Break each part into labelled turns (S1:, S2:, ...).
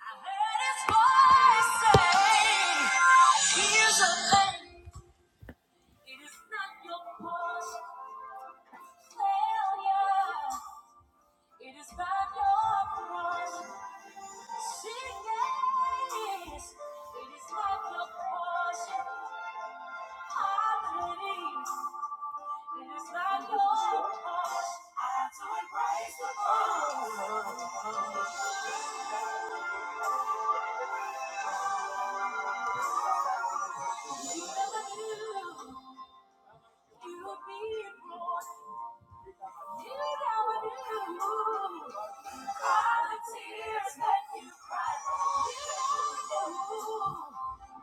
S1: I heard his voice say, "Here's a thing. It is not your past failure. It is not your cross. Sing yes. It is not your portion. Poverty. It is not your cross. I have to embrace You be born. You never knew all the tears that you cried. You never knew.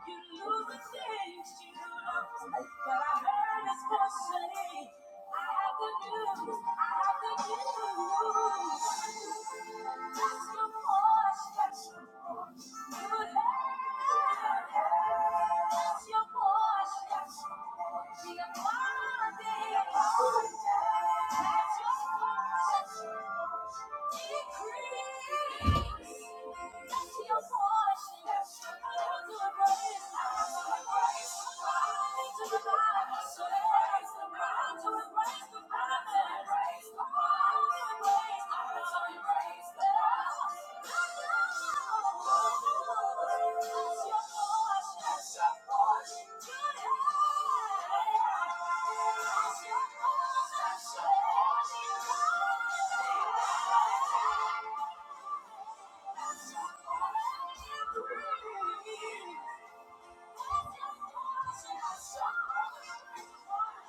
S1: You knew the things you loved, but I heard His voice say, "I have the news. I have the news. That's the voice that's Increase. Thank you.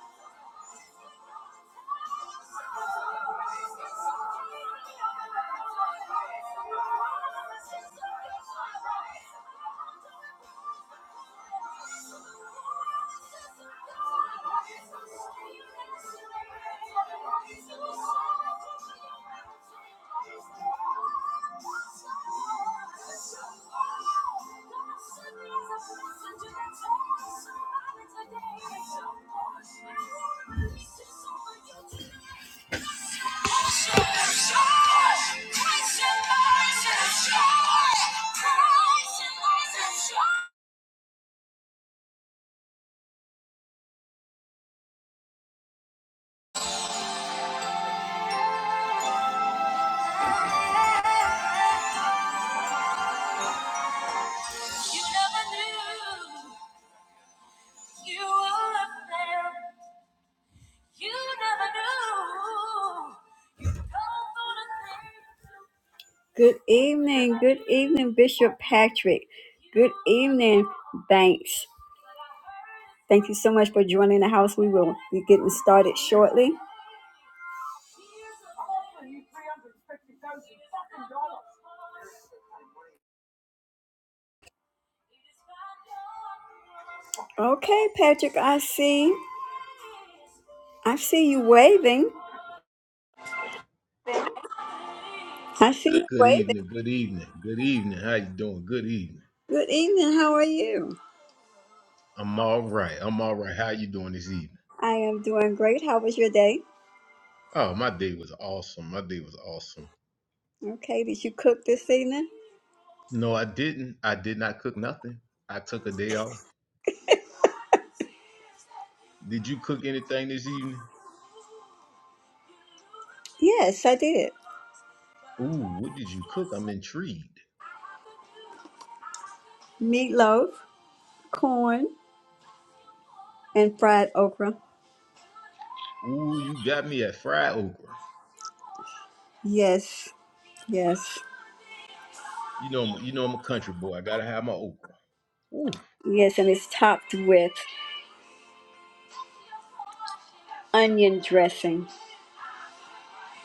S1: Today, Good evening, good evening, Bishop Patrick. Good evening, Banks. Thank you so much for joining the house. We will be getting started shortly. I'm offering you three hundred fifty thousand fucking dollars. Okay, Patrick, I see. I see you waving.
S2: thing.
S1: I see you
S2: Good
S1: waving.
S2: evening. Good evening. Good evening. How you doing? Good evening.
S1: Good evening. How are you?
S2: I'm all right. I'm all right. How you doing this evening?
S1: I am doing great. How was your day?
S2: Oh, my day was awesome. My day was awesome.
S1: Okay, did you cook this evening?
S2: No, I didn't. I did not cook nothing. I took a day off. Did you cook anything this evening?
S1: Yes, I did.
S2: Ooh, what did you cook? I'm intrigued.
S1: Meatloaf, corn, and fried okra.
S2: Ooh, you got me at fried okra.
S1: Yes, yes,
S2: You know, I'm- you know I'm a country boy. I gotta have my okra. Ooh,
S1: yes, and it's topped with onion dressing.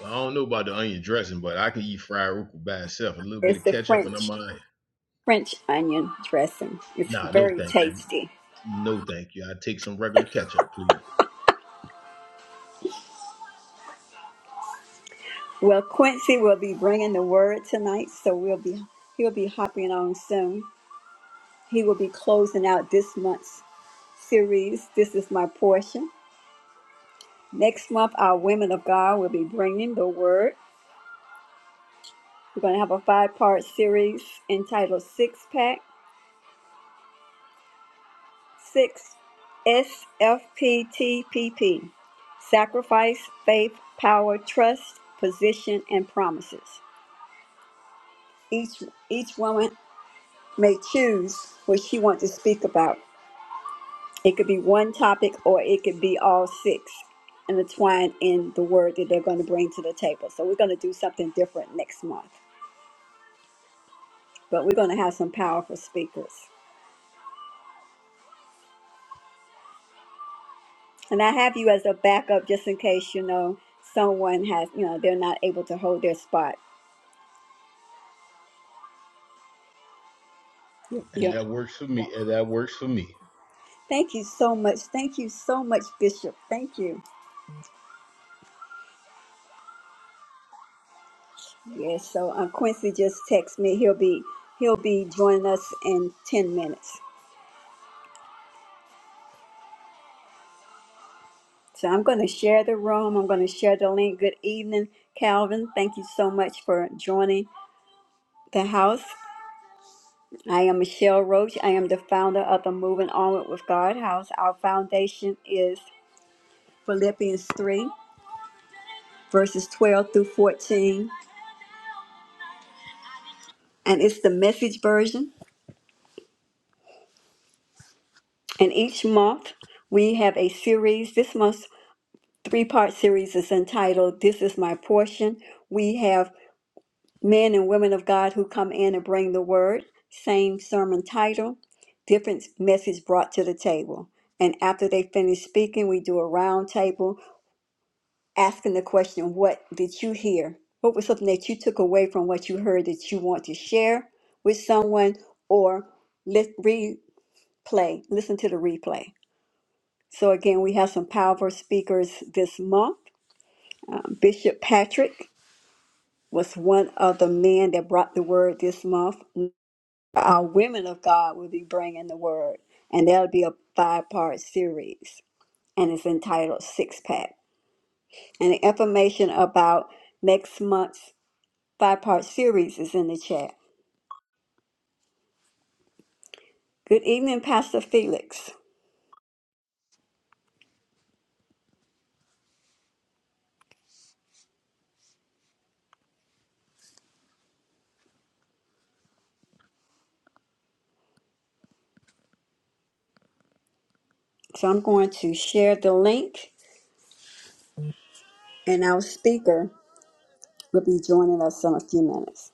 S2: I don't know about the onion dressing, but I can eat fried okra by itself. A little bit
S1: It's
S2: of
S1: the
S2: ketchup, and I'm
S1: French
S2: all right.
S1: French onion dressing. It's
S2: Nah, no,
S1: very
S2: thank you.
S1: tasty.
S2: No, thank you. I take some regular ketchup, please.
S1: Well, Quincy will be bringing the word tonight, so we'll be he'll be hopping on soon. He will be closing out this month's series. This is my portion. Next month, our women of God will be bringing the word. We're going to have a five-part series entitled Six Pack Six SFPTPP: Sacrifice, Faith, Power, Trust, Position, and Promises. Each each woman may choose what she wants to speak about. It could be one topic or it could be all six intertwined in the word that they're going to bring to the table. So we're going to do something different next month. But we're going to have some powerful speakers. And I have you as a backup just in case, you know, someone has, you know, they're not able to hold their spot.
S2: And
S1: Yeah.
S2: that works for me. And that works for me.
S1: Thank you so much. Thank you so much, Bishop. Thank you. Yes, so um, Quincy just texted me. He'll be he'll be joining us in ten minutes. So I'm going to share the room. I'm going to share the link. Good evening, Calvin. Thank you so much for joining the house. I am Michelle Roach. I am the founder of the Moving Onward with God House. Our foundation is Philippians three verses twelve through fourteen, and it's the Message version. And each month we have a series. This month three part series is entitled This is My Portion. We have men and women of God who come in and bring the word, same sermon title, different message brought to the table. And after they finish speaking, we do a round table asking the question, What did you hear? What was something that you took away from what you heard that you want to share with someone or let replay, listen to the replay? So, again, we have some powerful speakers this month. Um, Bishop Patrick. was one of the men that brought the word this month. Our women of God will be bringing the word, and that'll be a five part series, and it's entitled Six Pack. And the information about next month's five part series is in the chat. Good evening, Pastor Felix. So I'm going to share the link, and our speaker will be joining us in a few minutes.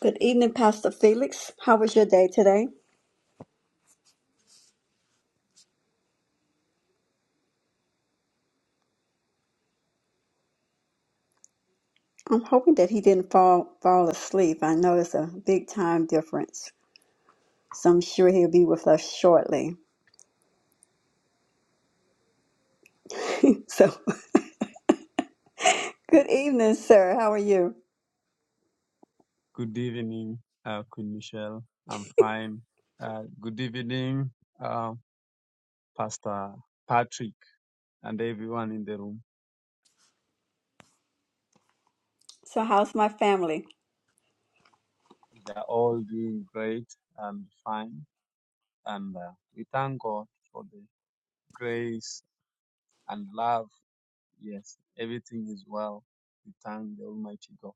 S1: Good evening, Pastor Felix. How was your day today? I'm hoping that he didn't fall fall asleep. I know it's a big time difference, so I'm sure he'll be with us shortly. So, good evening, sir. How are you?
S3: Good evening, uh, Queen Michelle. I'm fine. Uh, good evening, uh, Pastor Patrick, and everyone in the room.
S1: So, how's my family?
S3: They are all doing great and fine, and uh, we thank God for the grace and love. Yes, everything is well. We thank the Almighty God.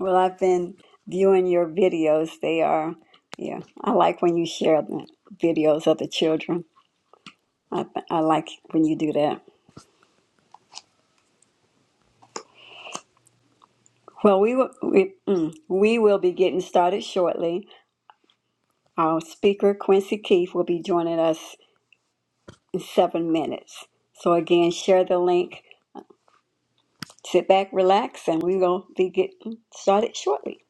S1: Well, I've been viewing your videos. They are, yeah, I like when you share the videos of the children. I, I like when you do that. Well, we will we, mm, we will be getting started shortly. Our speaker Quincy Keith will be joining us in seven minutes. So again, share the link Sit back, relax, and we're going to be getting started shortly.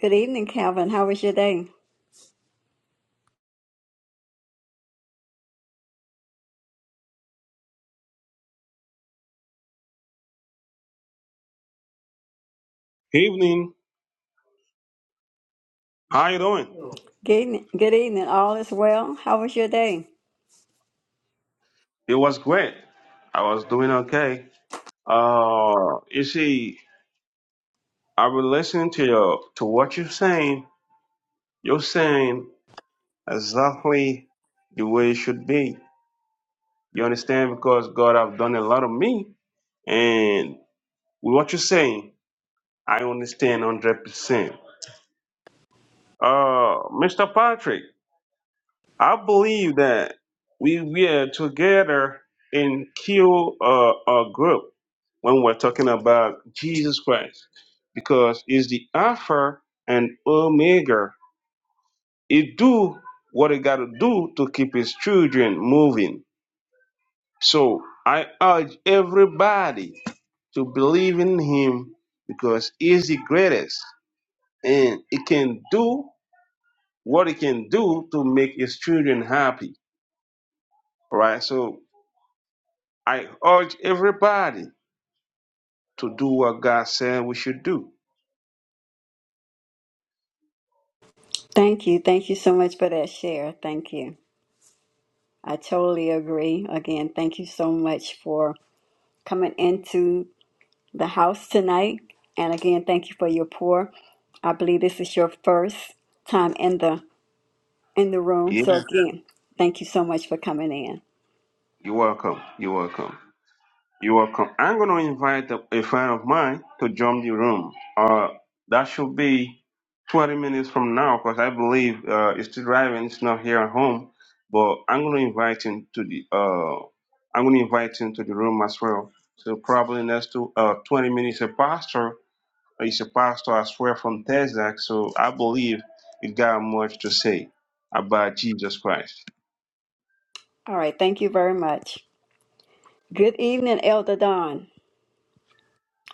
S1: Good evening, Calvin. How was your day?
S4: Evening. How you doing?
S1: Good evening. Good evening. All is well. How was your day?
S4: It was great. I was doing okay. Uh, you see, I was listening to your to what you're saying. You're saying exactly the way it should be. You understand? Because God have done a lot of me, and with what you're saying, I understand hundred percent. Uh, Mr. Patrick. I believe that we we are together in kill a, a group when we're talking about Jesus Christ, because it's the Alpha and Omega. It do what it got to do to keep his children moving. So I urge everybody to believe in him because he's the greatest, and it can do what it can do to make his children happy. All right, so I urge everybody to do what God said we should do.
S1: Thank you. Thank you so much for that share. Thank you. I totally agree. Again, thank you so much for coming into the house tonight. And again, thank you for your pour. I believe this is your first time in the in the room.
S4: Yeah,
S1: So again, thank you so much for coming in.
S4: you're welcome. You're welcome. You're welcome. I'm going to invite a, a friend of mine to join the room. Uh, that should be 20 minutes from now because I believe uh, he's still driving. He's not here at home. But I'm going to invite him to the uh, I'm going to invite him to the room as well. So probably next to uh, 20 minutes a pastor He's a pastor as well from Texas, so I believe he got much to say about Jesus Christ.
S1: All right, thank you very much. Good evening, Elder Don.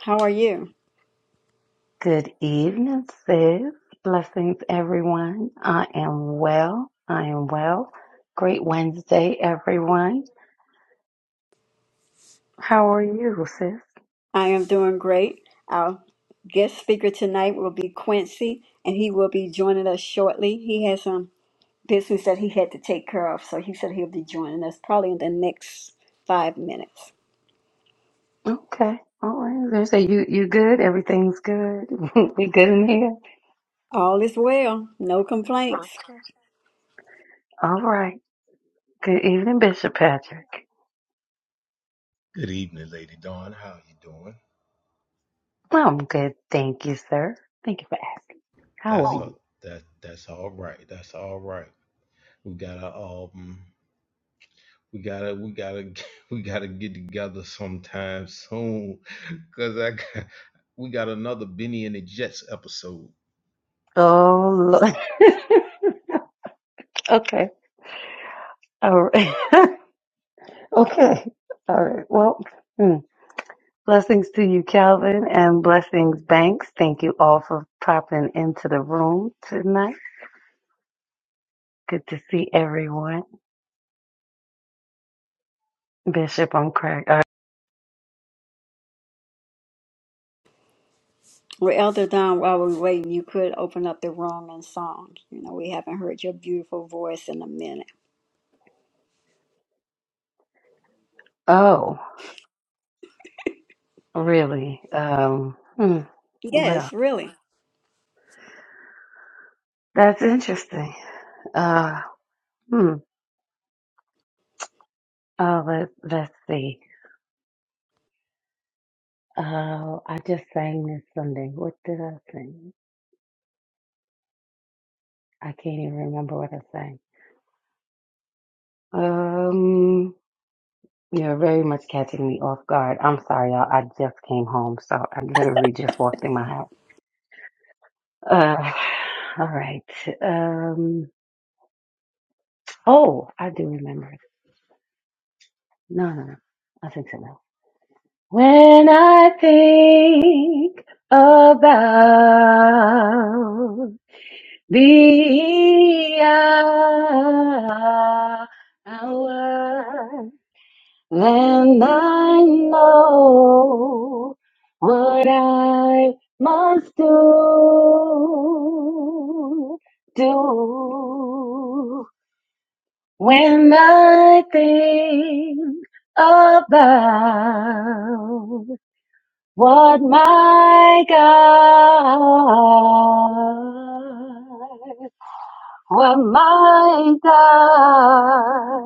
S1: How are you?
S5: Good evening, sis. Blessings, everyone. I am well. I am well. Great Wednesday, everyone. How are you, sis?
S1: I am doing great. Our guest speaker tonight will be Quincy, and he will be joining us shortly. He has some business that he had to take care of, so he said he'll be joining us probably in the next five minutes.
S5: Okay. All right. They say you you good. Everything's good. we good in here.
S1: All is well, no complaints.
S5: Okay. All right. Good evening, Bishop Patrick.
S2: Good evening, Lady Dawn. How you doing?
S5: I'm good. Thank you, sir. Thank you for asking.
S2: That's
S5: How are
S2: Oh,
S5: you?
S2: a that that's all right. That's all right. We gotta um we gotta we gotta we gotta get together sometime soon. Cause I got, we got another Benny and the Jets episode.
S5: Oh, Lord. okay. All right. okay. All right. Well. hmm. Blessings to you, Calvin, and blessings, Banks. Thank you all for popping into the room tonight. Good to see everyone. Bishop, I'm crack. Uh,
S1: Well, Elder Don, while we're waiting, you could open up the room and song. You know, we haven't heard your beautiful voice in a minute.
S5: oh, really? Um, hmm. Well,
S1: Yes, really.
S5: that's interesting. Uh, hmm. Uh, let, let's see. Uh, I just sang this Sunday. What did I sing? I can't even remember what I sang. Um. You're very much catching me off guard. I'm sorry, y'all. I just came home, so I literally just walked in my house. Uh, all right. Um. Oh, I do remember. No, no, no. I think so. now. When I think about the hour Then I know what I must do. Do when I think about what my God, what my God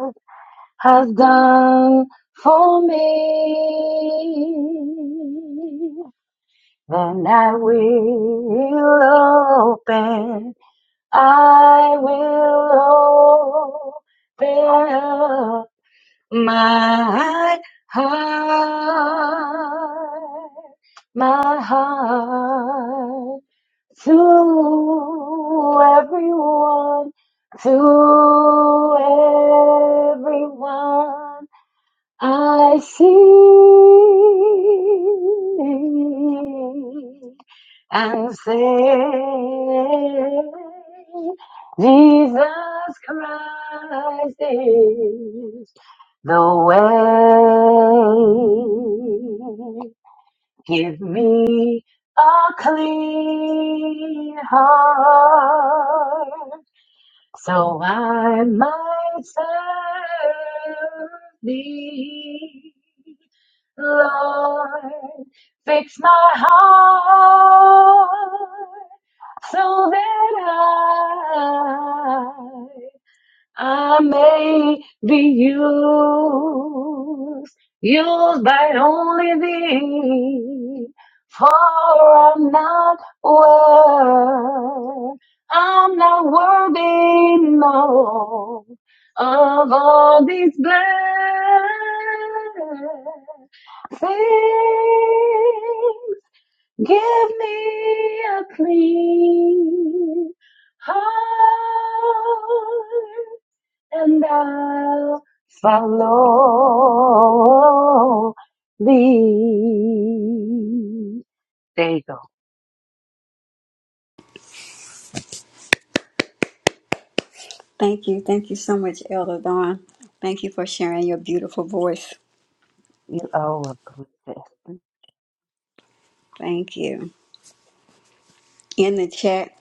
S5: has done for me. And I will open, I will open my heart, my heart to everyone, to everyone I sing and say, Jesus Christ is the way. Give me a clean heart so I might serve thee. Lord, fix my heart so that I I may be used, used by only thee, for I'm not worth, I'm not worthy, no, of all these blessings. Give me a clean heart and I'll follow thee. There you go.
S1: Thank you. Thank you so much, Elder Don. Thank you for sharing your beautiful voice.
S5: You are welcome, sis.
S1: Thank you. In the chat,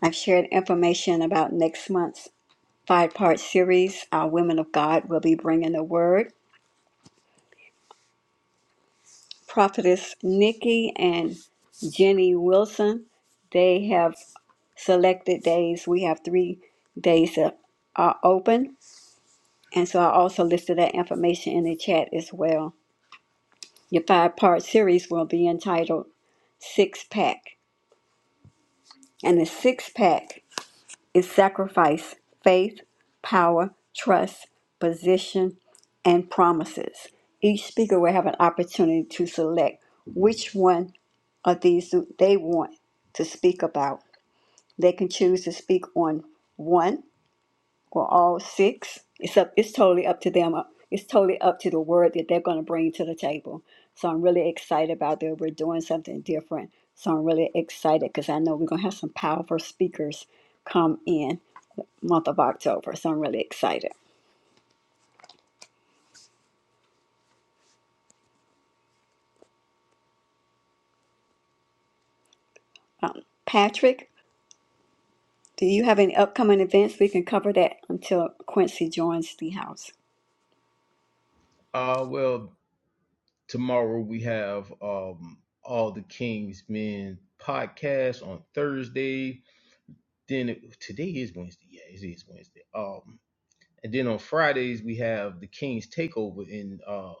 S1: I've shared information about next month's five part series. Our Women of God will be bringing the word. Prophetess Nikki and Jenny Wilson, they have selected days. We have three days that are open. And so I also listed that information in the chat as well. Your five part series will be entitled Six Pack. And the six pack is sacrifice, faith, power, trust, position, and promises. Each speaker will have an opportunity to select which one of these they want to speak about. They can choose to speak on one, or all six. It's up. It's totally up to them. uh, It's totally up to the word that they're going to bring to the table. So I'm really excited about that. We're doing something different. So I'm really excited because I know we're going to have some powerful speakers come in the month of October. So I'm really excited. Um, Patrick, do you have any upcoming events? We can cover that until Quincy joins the house.
S2: Uh well tomorrow we have um all the King's Men podcast on Thursday Then it- today is Wednesday. Yeah, it is Wednesday. Um, and then on Fridays we have the King's Takeover in uh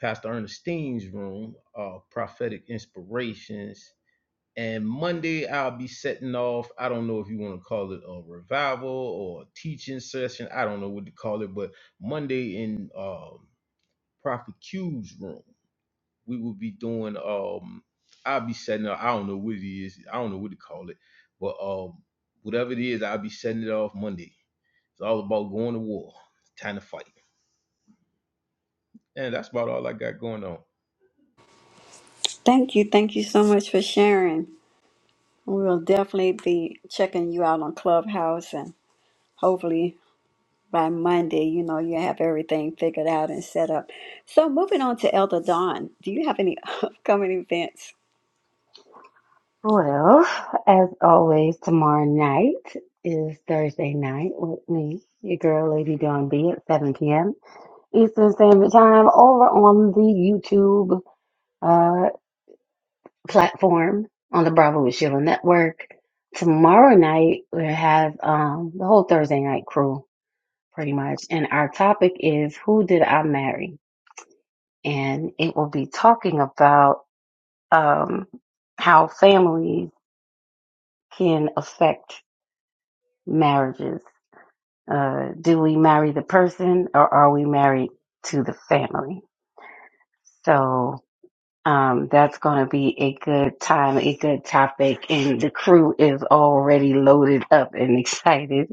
S2: Pastor Ernestine's room, uh, prophetic inspirations. And Monday I'll be setting off. I don't know if you want to call it a revival or a teaching session. I don't know what to call it, but Monday in um Prophet Q's room we will be doing um I'll be setting up I don't know what it is, I don't know what to call it, but um whatever it is, I'll be setting it off Monday. It's all about going to war, It's time to fight. And that's about all I got going on.
S1: Thank you. Thank you so much for sharing. We'll definitely be checking you out on Clubhouse and hopefully by Monday, you know, you have everything figured out and set up. So, moving on to Elder Dawn, do you have any upcoming events?
S5: Well, as always, tomorrow night is Thursday night with me, your girl, Lady Dawn B, at 7 p.m. Eastern Standard Time over on the YouTube uh, platform on the Bravo with Sheila Network. Tomorrow night, we have um, the whole Thursday night crew pretty much. And our topic is Who Did I Marry? And it will be talking about um, how families can affect marriages. Uh, do we marry the person or are we married to the family? So um, that's going to be a good time, a good topic. And the crew is already loaded up and excited.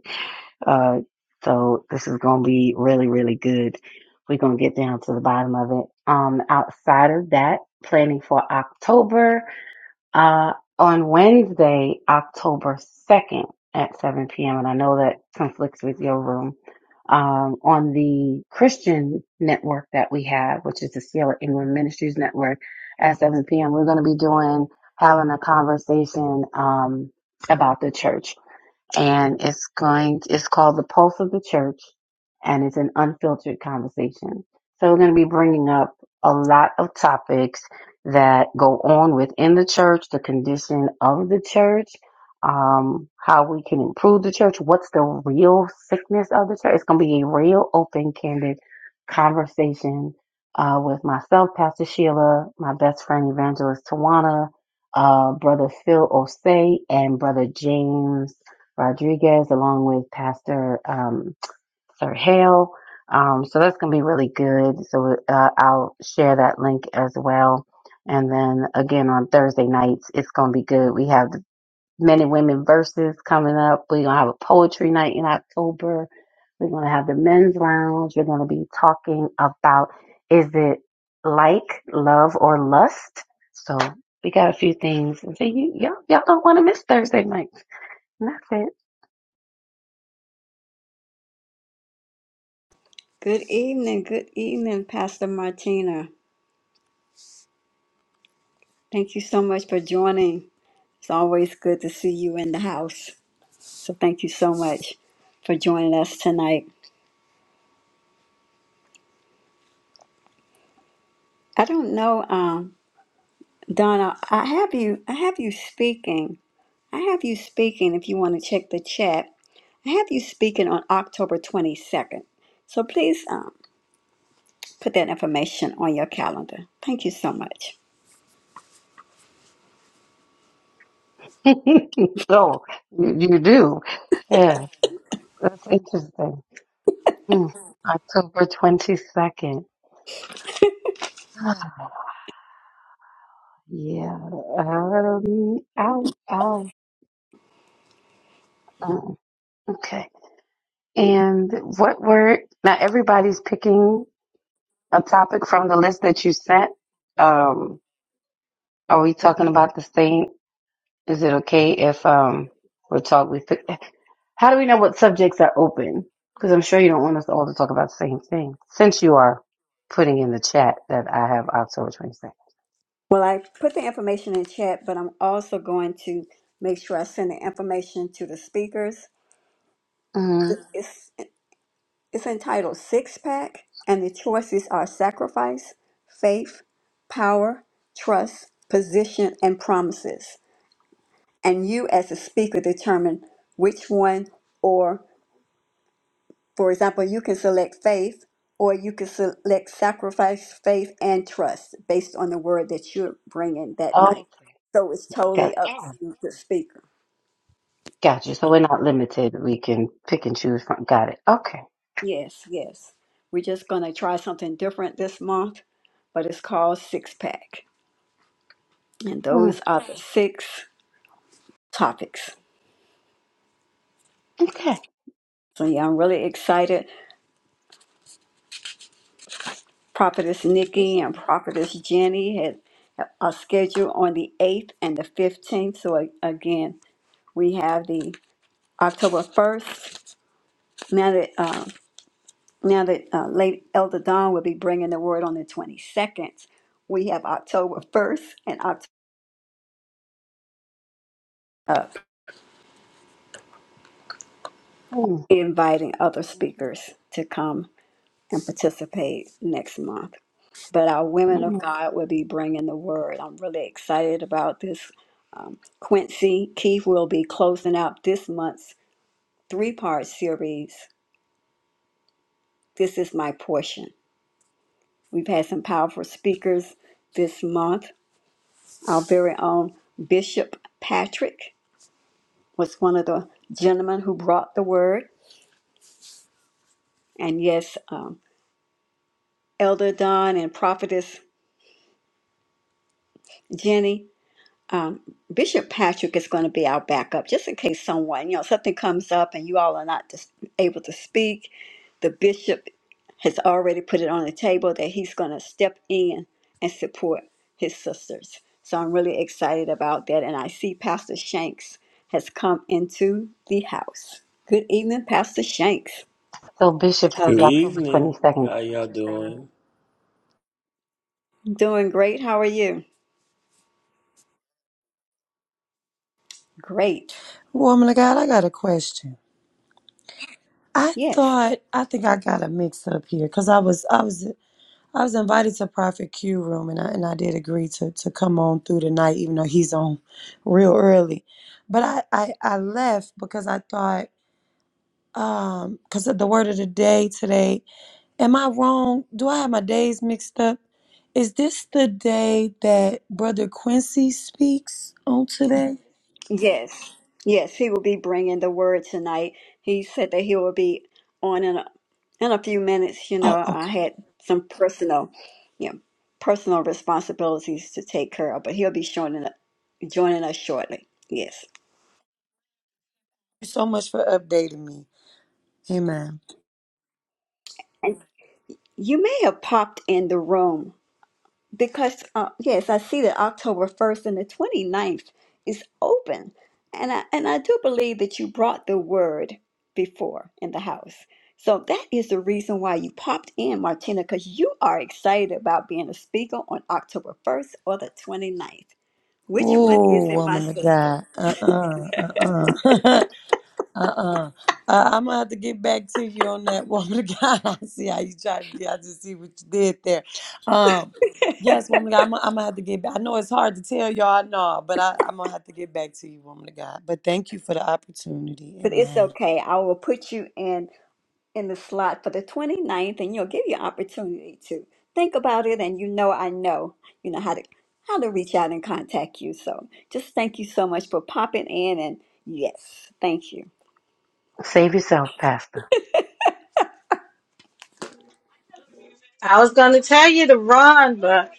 S5: Uh, so this is going to be really, really good. We're going to get down to the bottom of it. Um, outside of that, planning for October, uh, on Wednesday, October 2nd at 7 p.m. And I know that conflicts with your room. Um, on the Christian network that we have, which is the Sierra England Ministries Network at 7 p.m., we're going to be doing, having a conversation, um, about the church and it's going it's called the pulse of the church and it's an unfiltered conversation. So we're going to be bringing up a lot of topics that go on within the church, the condition of the church, um, how we can improve the church, what's the real sickness of the church. It's going to be a real open, candid conversation uh, with myself, Pastor Sheila, my best friend, Evangelist Tawana, uh, Brother Phil Osei, and Brother James Rodriguez, along with Pastor. um, Sir Hale. Um, so that's going to be really good. So uh, I'll share that link as well. And then again on Thursday nights, it's going to be good. We have the men and women verses coming up. We're going to have a poetry night in October. We're going to have the men's lounge. We're going to be talking about is it like love or lust? So we got a few things. So you, y'all, y'all don't want to miss Thursday nights. And that's it.
S1: Good evening. Good evening, Pastor Martina. Thank you so much for joining. It's always good to see you in the house. So, thank you so much for joining us tonight. I don't know, um, Donna. I have you. I have you speaking. I have you speaking. If you want to check the chat, I have you speaking on October twenty second. So please. um, put that information on your calendar. Thank you so much.
S5: oh, you, you do. Yeah. That's interesting. Hmm. October 22nd. yeah. Um, ow, ow. Mm, Okay. And what were, now everybody's picking a topic from the list that you sent. Um, are we talking about the same? Is it okay if, um, we're talk, we pick, how do we know what subjects are open? Because I'm sure you don't want us all to talk about the same thing since you are putting in the chat that I have October 22nd.
S1: Well, I put the information in chat, but I'm also going to make sure I send the information to the speakers. It's, it's entitled Six Pack, and the choices are sacrifice, faith, power, trust, position, and promises. And you, as a speaker, determine which one or. For example, you can select faith or you can select sacrifice, faith, and trust based on the word that you're bringing that
S5: Oh,
S1: night. So it's
S5: okay.
S1: totally
S5: Got
S1: up
S5: oh,
S1: to the speaker.
S5: got you. So we're not limited. We can pick and choose from. Got it. Okay.
S1: Yes, yes. We're just going to try something different this month, but it's called Six Pack. And
S5: Mm,
S1: those are the six topics.
S5: okay.
S1: So, yeah, I'm really excited. Prophetess Nikki
S5: Bishop.
S1: and Prophetess Jenny had a schedule on the 8th and the 15th. So, a- again, we have the October 1st. Now that, uh, now that uh, late Elder Don will be bringing the word on the 22nd, we have October 1st and October up,
S5: Mm,
S1: inviting other
S5: mhm,
S1: speakers to come and participate next month. But our women of
S5: mm.
S1: God will be bringing the word. I'm really excited about this. Quincy Keith will be closing out this month's three part series. This is my portion. We've had some powerful speakers this month Our very own Bishop Patrick was one of the gentlemen who brought the word. And yes, um, Elder Don and Prophetess Jenny Bishop Patrick is going to be our backup, just in case someone, you know, something comes up and you all are not dis- able to speak. The bishop has already put it on the table that he's going to step in and support his sisters. So I'm really excited about that. And I see Pastor Shanks has come into the house. Good evening, Pastor Shanks.
S5: So Bishop has
S6: Good
S5: October
S6: evening.
S5: 22nd.
S6: How
S5: That's what
S6: y'all
S5: you're saying?
S6: doing?
S1: Doing great. How are you? Great.
S7: Woman of God, I got a question. I
S1: Yes.
S7: thought I think I got a mix up here because I was I was I was invited to Prophet Q room and I and I did agree to to come on through the night even though he's on real early, but I I, I left because I thought um because of the word of the day today. Am I wrong? Do I have my days mixed up? Is this the day that Brother Quincy speaks on today?
S1: Yes, yes, he will be bringing the word tonight. He said that he will be on in a, in a few minutes. You
S7: Oh,
S1: know, I
S7: okay.
S1: had some personal, you know, personal responsibilities to take care of, but he'll be joining joining us shortly. Yes,
S7: Thank you so much for updating me. Amen.
S1: and you may have popped in the room. because uh, yes, I see that October first and the twenty ninth is open, and I and I do believe that you brought the word before in the house. So that is the reason why you popped in, Martina, because you are excited about being a speaker on October 1st or the twenty ninth. Which one
S7: Oh,
S1: is it, my
S7: woman of
S1: sister?
S7: God. Uh-uh. Uh-uh. uh-uh. Uh, I'm gonna have to get back to you on that woman of God. I see how you try to do. I just see what you did there. Um, yes, woman of God, I'm, gonna- I'm gonna have to get back. I know it's hard to tell y'all, no, but I, I'm gonna have to get back to you, woman of God. But thank you for the opportunity.
S1: But it's
S7: Amen.
S1: okay. I will put you in. in the slot for the twenty ninth, and you'll give you an opportunity to think about it and you know I know you know how to how to reach out and contact you so just thank you so much for popping in and yes thank you
S5: Save yourself, Pastor.
S8: I was gonna tell you to run, but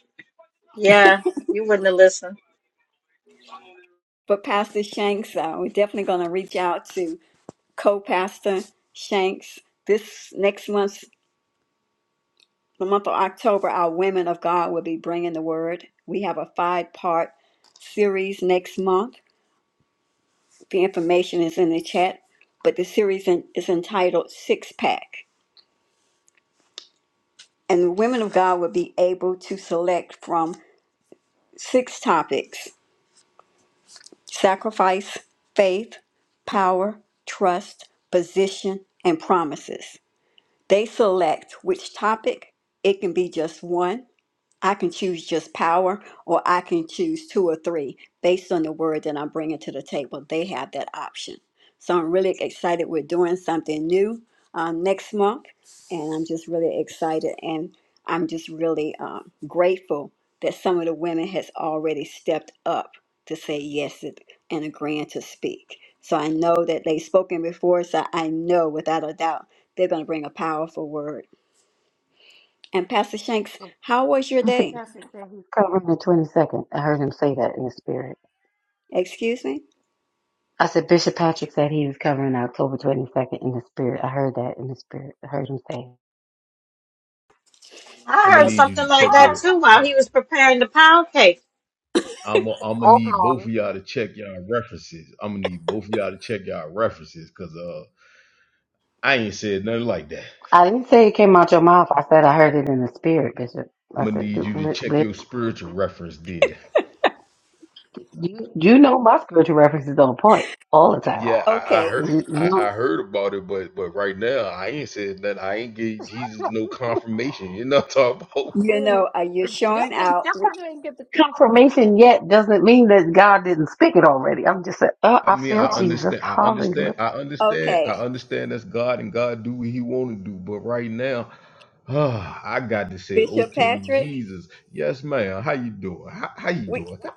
S8: yeah, you wouldn't have listened.
S1: But Pastor Shanks uh, we're definitely going to reach out to co-pastor Shanks this next month the month of October our women of God will be bringing the word we have a five part series next month The information is in the chat, but the series in- is entitled Six Pack. And the women of God will be able to select from six topics sacrifice, faith, power, trust, position, and promises. They select which topic. It can be just one, I can choose just power, or I can choose two or three based on the word that I'm bringing to the table. They have that option. So I'm really excited. We're doing something new um, next month, and I'm just really excited. And I'm just really um, grateful that some of the women has already stepped up to say yes and and agreeing to speak. So I know that they've spoken before, so I know without a doubt they're going to bring a powerful word. And Pastor Shanks, how was your
S5: Bishop
S1: day?
S5: Patrick said he's covering the 22nd. I heard him say that in the spirit.
S1: Excuse me?
S5: I said Bishop Patrick said he was covering October 22nd in the spirit. I heard that in the spirit. I heard him say it.
S2: I'm
S8: I
S2: gonna
S8: heard
S1: Yep.
S2: need you
S8: something
S2: to check
S8: like that
S2: your
S8: too while
S2: I'm
S8: he was preparing the pound cake.
S2: I'm I'm gonna
S5: Oh,
S2: need both of
S5: glory.
S2: y'all to check y'all references. I'm gonna need both of y'all to check y'all references, cause uh I ain't said nothing like that.
S5: I didn't say it came out your mouth. I said I heard it in the spirit, Bishop. I
S2: I'm gonna need you to check
S5: said,
S2: your spiritual reference then.
S5: You you know my spiritual references on point all the time.
S2: Yeah, I, I
S1: Okay,
S2: heard
S5: You,
S2: I, I
S5: you
S2: heard about it, but but right now I ain't said that I ain't give Jesus no confirmation. You know what I'm talking about?
S1: you
S5: Spirit-
S1: know, uh, you're showing
S5: just because
S1: out.
S5: just
S1: We-
S5: cause you ain't get the confirmation yet doesn't mean that God didn't speak it already. I'm just saying, oh,
S2: I
S5: I
S2: mean,
S5: feel
S2: I
S5: Jesus.
S2: understand, I
S5: Hallelujah.
S2: understand, I understand, I
S1: Okay,
S2: understand that's God and God do what he wanna do, but right now, ah, I got to say,
S1: Bishop
S2: okay,
S1: Patrick,
S2: Jesus, yes, ma'am, how you doing? How, how you
S1: we
S2: doing? How,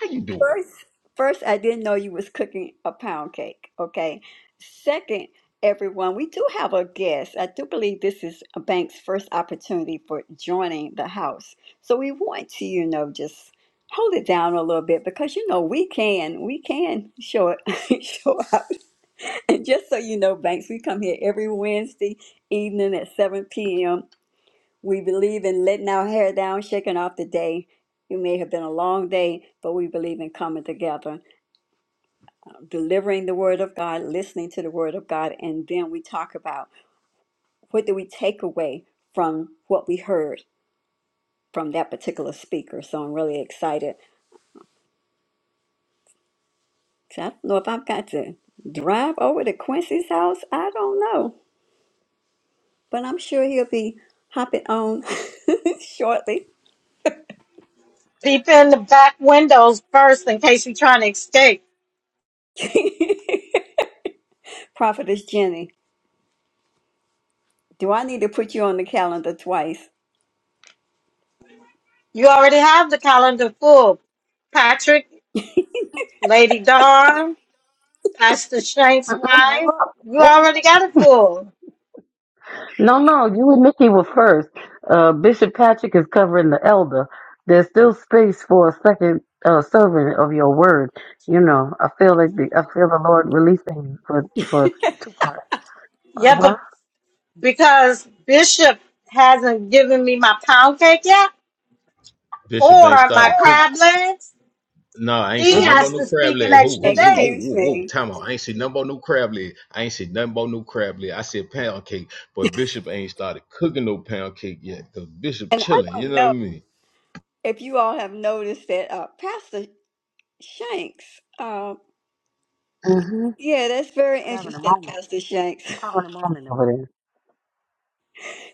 S2: how you doing?
S1: first, first, I didn't know you was cooking a pound cake. Okay, second, everyone, we do have a guest. I do believe this is a bank's first opportunity for joining the house. So we want to, you know, just hold it down a little bit because you know we can, we can show it, show out. And just so you know, Banks, we come here every Wednesday evening at 7 p.m. We believe in letting our hair down, shaking off the day. It may have been a long day, but we believe in coming together, delivering the Word of God, listening to the Word of God, and then we talk about what do we take away from what we heard from that particular speaker. So I'm really excited. So I don't know if I've got to drive over to Quincy's house. I don't know, but I'm sure he'll be hopping on shortly.
S8: Peep in the back windows first in case you're trying to escape.
S1: Prophetess Jenny, do I need to put you on the calendar twice?
S8: You already have the calendar full. Patrick, Lady Dawn, Pastor Shank's
S5: Mm-mm, hold
S8: wife.
S5: up,
S8: You
S5: hold
S8: already
S5: up.
S8: got it full.
S5: No, no, you and Nikki were first. Uh, Bishop Patrick is covering the elder. There's still space for a second uh, servant of your word. You know, I feel like the, I feel the Lord releasing you for for two parts.
S8: Yeah,
S5: Uh
S8: but because Bishop hasn't given me my pound cake yet
S2: Bishop
S8: or
S2: ain't
S8: my
S2: started cook.
S8: crab legs,
S2: No, I ain't see
S8: he
S2: nothing about
S8: has
S2: no
S8: to
S5: huh.
S2: crab
S8: speak an
S2: leg. Who, who,
S8: extra
S2: who,
S8: day.
S2: who,
S1: Excuse
S2: who, who.
S1: me.
S2: Time out. I ain't see nothing about no crab leg. I ain't see nothing about no crab leg. I said pound cake, but Bishop ain't started cooking no pound cake yet. Cause Bishop
S1: And I
S2: chilling. You
S1: don't
S2: know what I
S1: know
S2: mean?
S1: if you all have noticed that uh, Pastor Shanks, uh,
S5: Mm-hmm.
S1: yeah, that's very
S5: Having a
S1: interesting,
S5: moment.
S1: Pastor Shanks.
S5: Having a moment over there.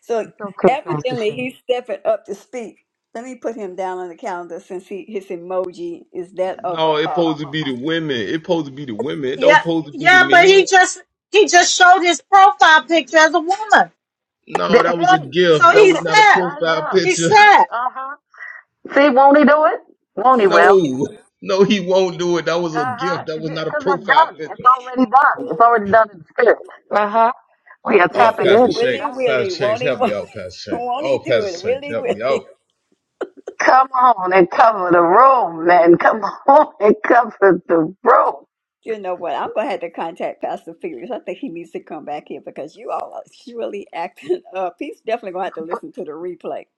S1: So
S5: It's okay, Pastor
S1: evidently
S5: Shanks.
S1: he's stepping up to speak. Let me put him down on the calendar since he, his emoji is that of a,
S2: No, it
S1: uh,
S2: supposed to be the women. It supposed to be the women. It don't
S8: Yeah,
S2: supposed to be the
S8: yeah, but he
S2: men.
S8: just he just showed his profile picture as a woman.
S2: No,
S5: Th-
S2: that was a
S5: Hey,
S8: So
S2: gift.
S5: look
S2: That was
S5: at
S8: he's
S2: not a
S5: uh,
S8: sad.
S2: profile
S5: yeah.
S8: He's
S2: picture.
S8: sad.
S5: Uh huh. See, won't he do it? Won't he?
S2: No,
S5: Will.
S2: no, he won't do it. That
S5: Uh
S2: was a
S5: huh.
S2: gift. That was
S5: Because
S2: not a
S5: it's
S2: profile
S5: done. It's
S2: picture.
S5: already done. It's already done in the spirit. Uh huh. We are
S2: Oh,
S1: it
S5: tapping
S1: says,
S2: Pastor
S5: in
S2: Shanks,
S1: Willy
S5: tonight.
S2: Pastor
S1: Willy,
S2: Shanks,
S1: won't he,
S2: help me out, Pastor Shanks.
S1: won't
S2: Oh,
S1: he do
S2: Pastor
S1: it?
S2: Shanks,
S1: Willy
S2: help me
S1: Willy.
S2: out.
S5: Come on and cover the room, man. Come on and cover the room.
S1: You know what? I'm gonna have to contact Pastor Felix. I think he needs to come back here because you all are surely acting up. He's definitely gonna have to
S5: But,
S1: listen to the replay.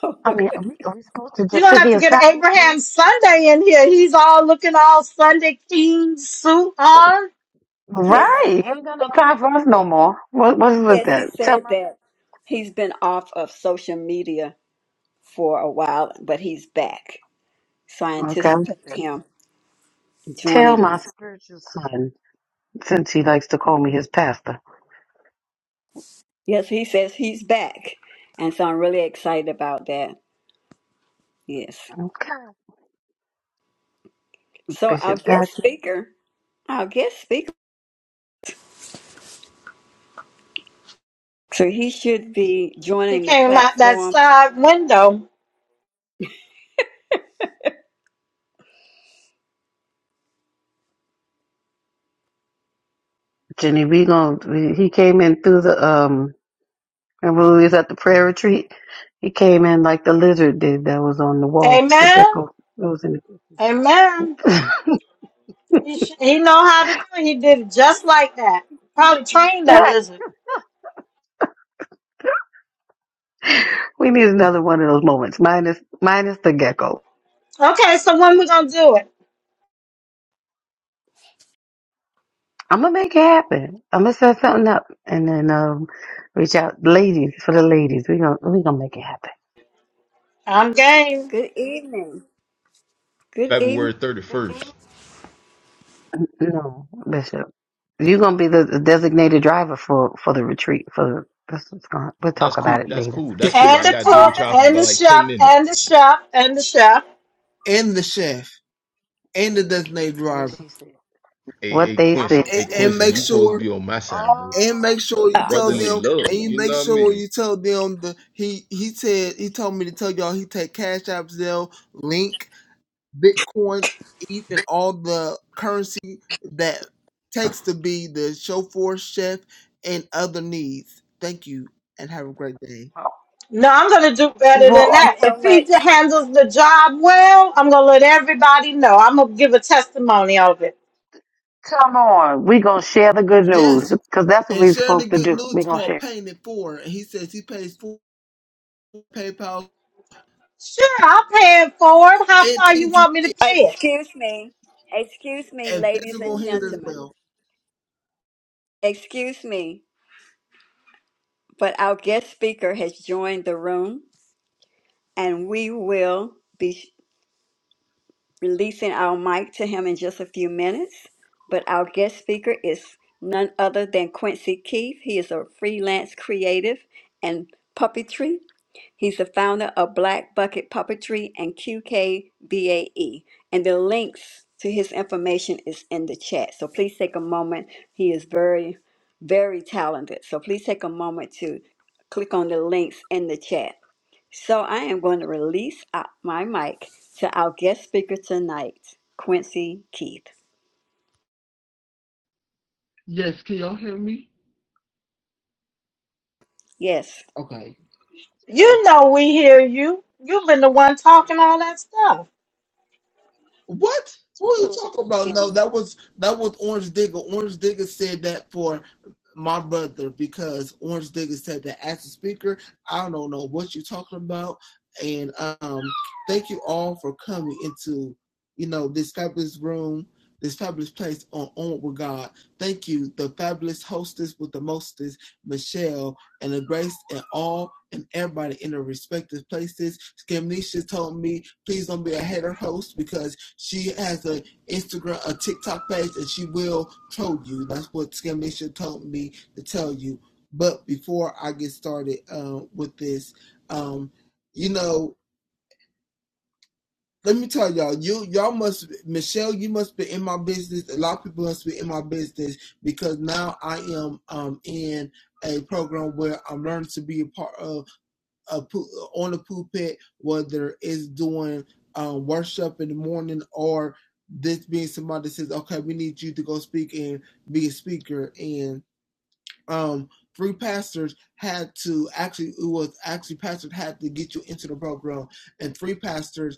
S1: So,
S5: I mean, are we, are we supposed to
S8: You
S5: just
S8: don't
S5: sit
S8: have to
S5: here
S8: get Abraham
S5: silently?
S8: Sunday in here. He's all looking all Sunday king suit on.
S1: yes,
S5: Right. Ain't got no time for us no more. What, what's with
S1: yes, he
S5: that? Tell
S1: said
S5: my.
S1: that he's been off of social media for a while, but he's back. So I anticipate
S5: Okay.
S1: him
S5: Tell
S1: joining.
S5: my spiritual son, since he likes to call me his pastor.
S1: Yes, he says he's back, and so I'm really excited about that. Yes.
S5: Okay,
S1: So our
S5: Bishop
S1: guest
S5: Patrick.
S1: speaker, our guest speaker. So he should be
S8: He
S1: joining the
S8: came out that
S1: platform.
S8: side window.
S5: Jenny, we going we, he came in through the, um, Remember, when we was at the prayer retreat, he came in like the lizard did that was on the wall, the
S8: Amen.
S5: gecko. It was in
S8: Amen.
S5: the,
S8: He, sh- he know how to do it. He did it just like that. Probably trained that
S5: right.
S8: lizard.
S5: We need another one of those moments, minus, minus the gecko.
S8: Okay, so when we gonna do it?
S5: I'm gonna make it happen. I'm gonna set something up and then, um, reach out ladies for the ladies. We gonna, we gonna make it happen.
S8: I'm game.
S1: Good evening. Good evening.
S2: February 31st.
S5: No, Bishop. You're gonna be the the designated driver for for the retreat. For the, this is going. We'll
S2: That's
S5: talk
S2: cool.
S5: about it
S2: That's
S5: later.
S2: cool. That's cool. I
S8: And
S2: ain't
S8: the
S2: got to deal with
S8: cook,
S2: y'all for
S8: and
S2: about
S8: the
S2: like
S8: chef,
S2: 10 minutes.
S8: and the chef, and the chef.
S9: and the chef and the designated
S5: What
S9: driver
S5: she said.
S2: Hey,
S5: What
S2: hey,
S5: they
S2: Quincy.
S5: said.
S2: Hey,
S9: and,
S5: Yeah.
S9: and
S2: Quincy,
S9: make
S2: you supposed to
S9: sure
S2: be on my side, bro.
S9: and
S5: Oh,
S9: make sure you tell
S2: Brotherly
S9: them and
S2: love.
S9: you
S2: You
S9: make
S2: know what I
S9: sure
S2: mean?
S9: you tell them the he he said he told me to tell y'all he take cash app Zelle, link bitcoin eth and all the currency that takes to be the chauffeur chef and other needs thank you and have a great day
S8: No, I'm gonna do better
S5: well,
S8: than
S1: Thank you
S5: all
S8: that.
S1: so
S8: If
S5: right.
S8: he
S1: much.
S8: j- handles the job well, I'm gonna let everybody know. I'm gonna give a testimony of it.
S5: Come on. We gonna share the good news
S9: yes
S5: because that's what
S9: and
S5: we're
S9: sharing the
S5: supposed to
S9: good
S5: do.
S9: news
S5: We
S9: is
S5: gonna
S9: called
S5: share.
S9: paying it forward and he says he pays for paypal
S8: Sure, I'll pay it forward. How
S9: and
S8: far you
S9: etc
S8: want me to pay it?
S1: Excuse me. Excuse me,
S9: and
S1: ladies and
S9: physical hands as
S1: gentlemen.
S9: well.
S1: Excuse me, but our guest speaker has joined the room and we will be. releasing our mic to him in just a few minutes. But our guest speaker is none other than Quincy Keith. He is a freelance creative and puppetry. He's the founder of Black Bucket Puppetry and QKBAE. And the links to his information is in the chat. So please take a moment. He is very, very talented. So please take a moment to click on the links in the chat. So I am going to release uh, my mic to our guest speaker tonight, Quincy Keith.
S9: Yes, can y'all hear me?
S1: Yes.
S9: Okay. Uh,
S8: You know we hear you. You've been the one talking all that stuff.
S9: What? What are you talking about? No, that was that was Orange Digger. Orange Digger said that for my brother because Orange Digger said that as a speaker, I don't know what you're talking about. And um, thank you all for coming into you know this fabulous room, this fabulous place on on with God. Thank you, the fabulous hostess with the mostest, Michelle, and the grace and all and everybody in their respective places. Scamnesha told me please don't be a hater host because she has a Instagram, a TikTok page, and she will troll you. That's what Skamisha told me to tell you. But before I get started uh, with this, um, you know, let me tell y'all, you y'all must Michelle, you must be in my business. A lot of people must be in my business because now I am um, in a program where I'm learning to be a part of a, on the pulpit, whether it's doing um, worship in the morning or this being somebody that says, okay, we need you to go speak and be a speaker. And um, three pastors had to actually, it was actually pastors had to get you into the program. And three pastors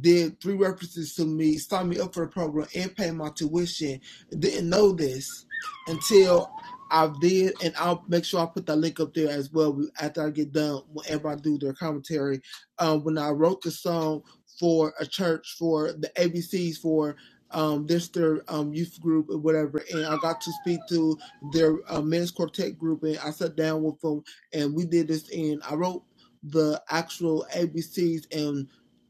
S9: did three references to me, signed me up for the program, and paid my tuition. Didn't know this until I did, and I'll make sure I put that link up there as well after I get done. Whenever I do their commentary, um, when I wrote the song for a church for the ABCs for. Um, this their um, youth group or whatever, and I got to speak to their uh, men's quartet group, and I sat down with them, and we did this. And I wrote the actual ABCs,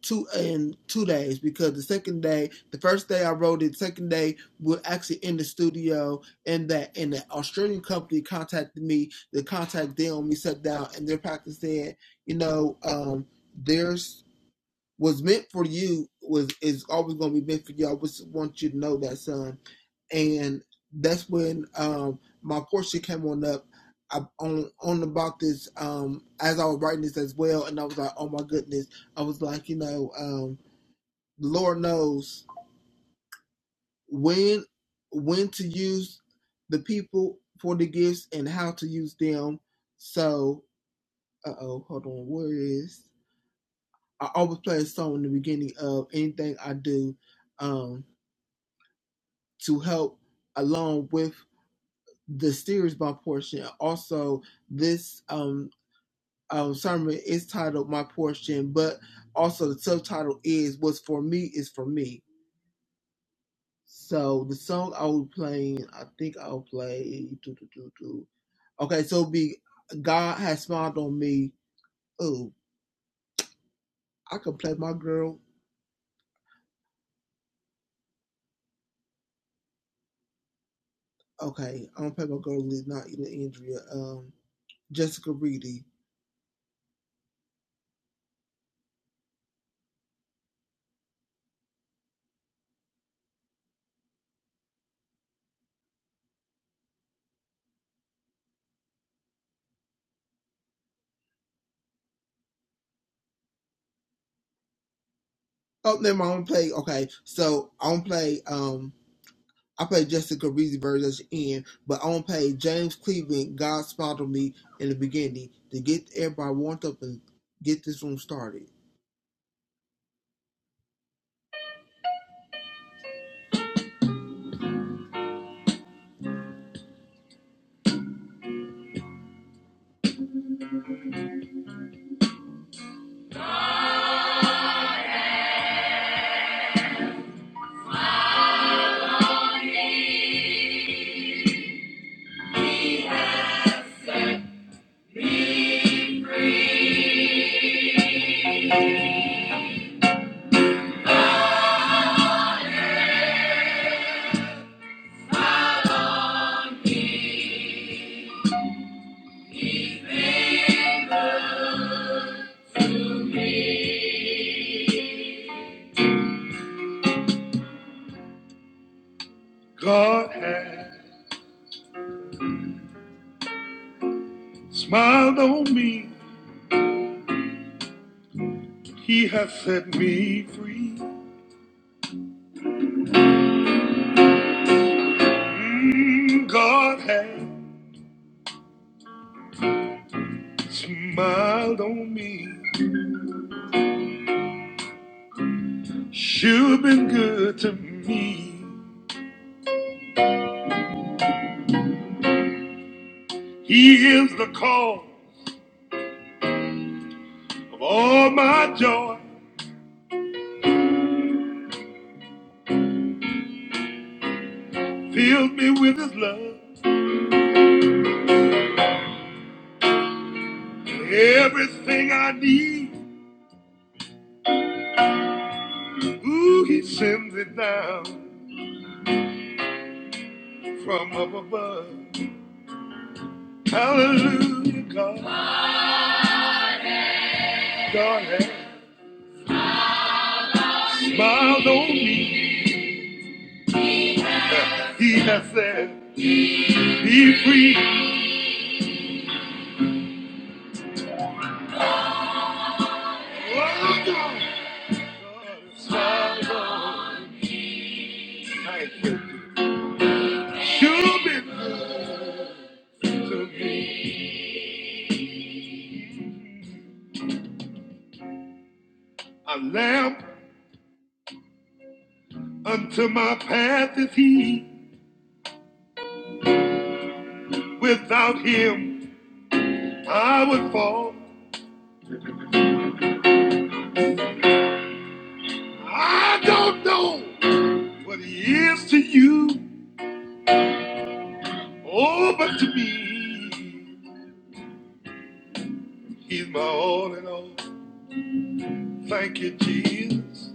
S9: two in two days because the second day, the first day I wrote it, second day we're actually in the studio, and that and the Australian company contacted me. The contact them, we sat down, and their practice said, you know, um, there's was meant for you was is always going to be meant for you. I just want you to know that, son. And that's when um, my portion came on up. I on on about this um, as I was writing this as well, and I was like, oh my goodness. I was like, you know, um, the Lord knows when when to use the people for the gifts and how to use them. So, uh oh, hold on, where is? I always play a song in the beginning of anything I do. Um, to help along with the series my portion. Also, this um, um, sermon is titled "My Portion," but also the subtitle is "What's for Me is for Me." So the song I will play. I think I'll play. doo, doo, doo, doo. Okay, so it'll be God has smiled on me. Oh, I can play my girl. Okay, I'm gonna play my girl. Liz, not even Andrea. Um, Jessica Reedy. Oh, never mind. I'm gonna play. Okay, so I'm gonna play. Um. I played Jessica Reezy version at the end, but on page James Cleveland, God smiled on me in the beginning to get everybody warmed up and get this room started. Smiled on me, he has set me free. Mm, God has smiled on me, sure been good to me. He is the cause of all my joy, fills me with his love, everything I need. Ooh, he sends it down from up above. Hallelujah, God. God has smiled on me. He has said, be free. Oh, God. God has smiled on me. Thank you. Sure been good to me. A lamp unto my path is he. Without him, I would fall. I don't know. What he is to you, oh, but to me, he's my all in all. Thank you, Jesus.